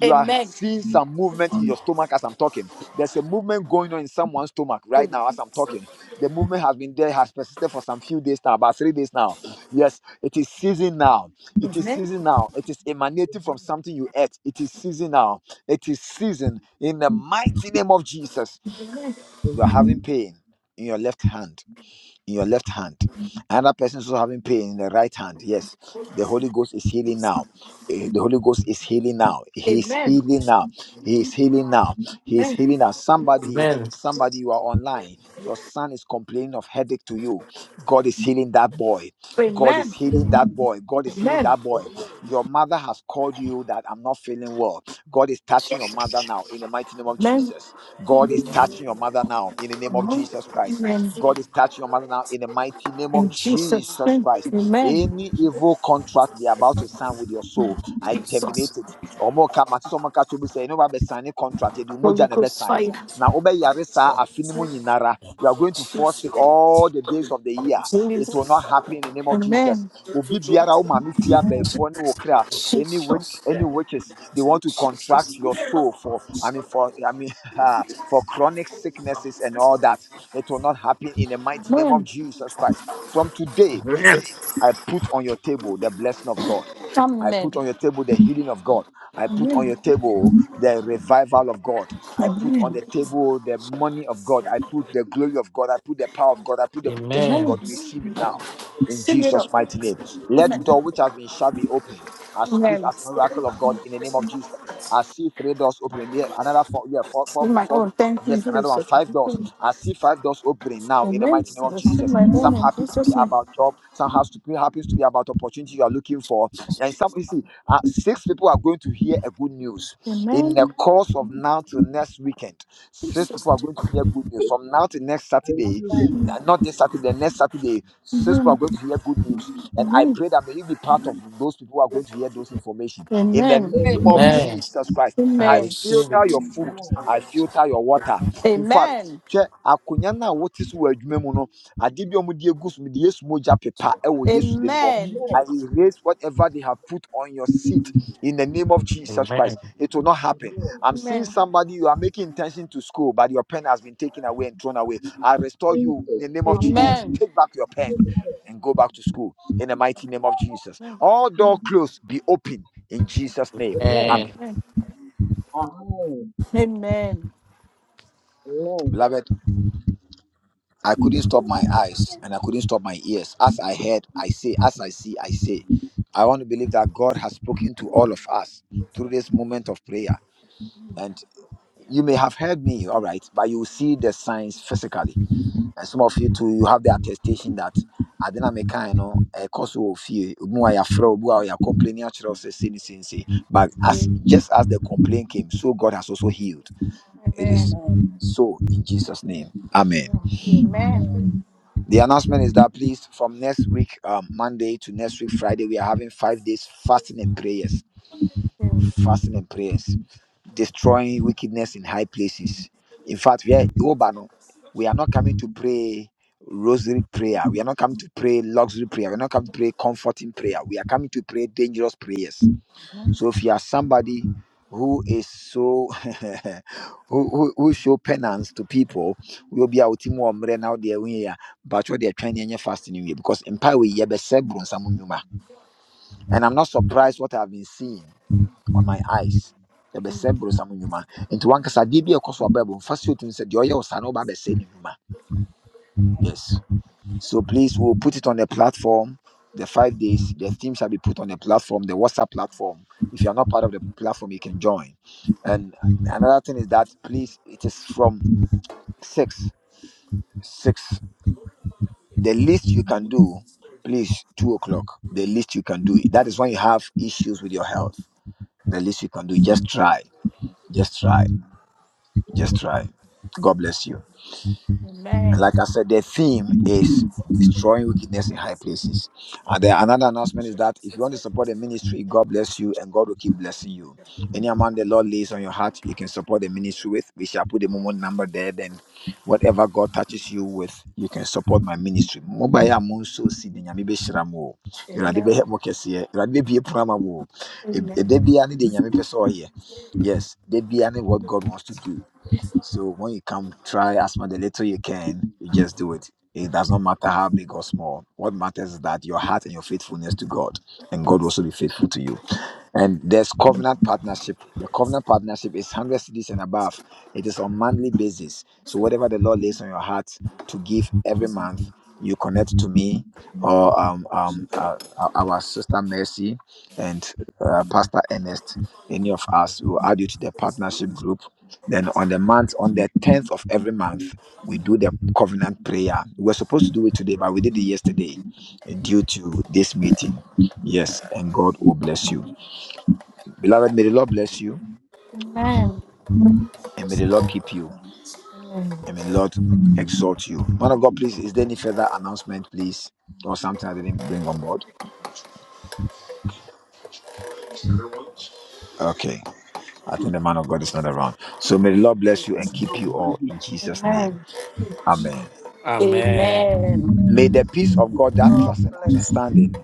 Amen. Amen.
Amen.
Amen. Amen. Amen.
Amen.
Amen.
Amen. Amen.
Amen. Amen.
Amen.
Amen. Amen. In Jesus' name. Amen. Jesus. Holy Ghost fire. Jesus. Holy Ghost. Amen. Jesus. Jesus. Amen.
Amen.
Amen. Amen. Amen. Amen.
Amen.
Sing it up. Amen. Amen. Sing my own. Thank you, Jesus. Amen. I receive my own in Jesus' name. Amen. Jesus.
I receive it.
Amen. Amen. Amen.
Amen.
Amen. I
Amen.
receive it.
Amen.
Amen. Amen.
Amen.
Amen.
Amen. Jesus.
Amen. Amen.
Amen.
Amen.
Amen. Amen.
Amen.
Amen.
Amen.
Amen.
Amen.
Amen.
Amen.
Amen.
Amen. Amen. Amen. Amen. Amen. Amen. Amen. Amen.
No, thank you. Amen.
Amen.
God bless you.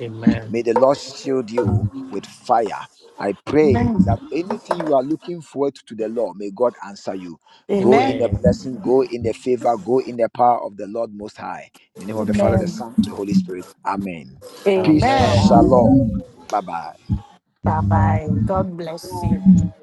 Amen.
Amen.
Amen. Amen.
Amen. Amen.
Thank
Amen.
you.
Amen.
Bye bye. God bless you.
Amen.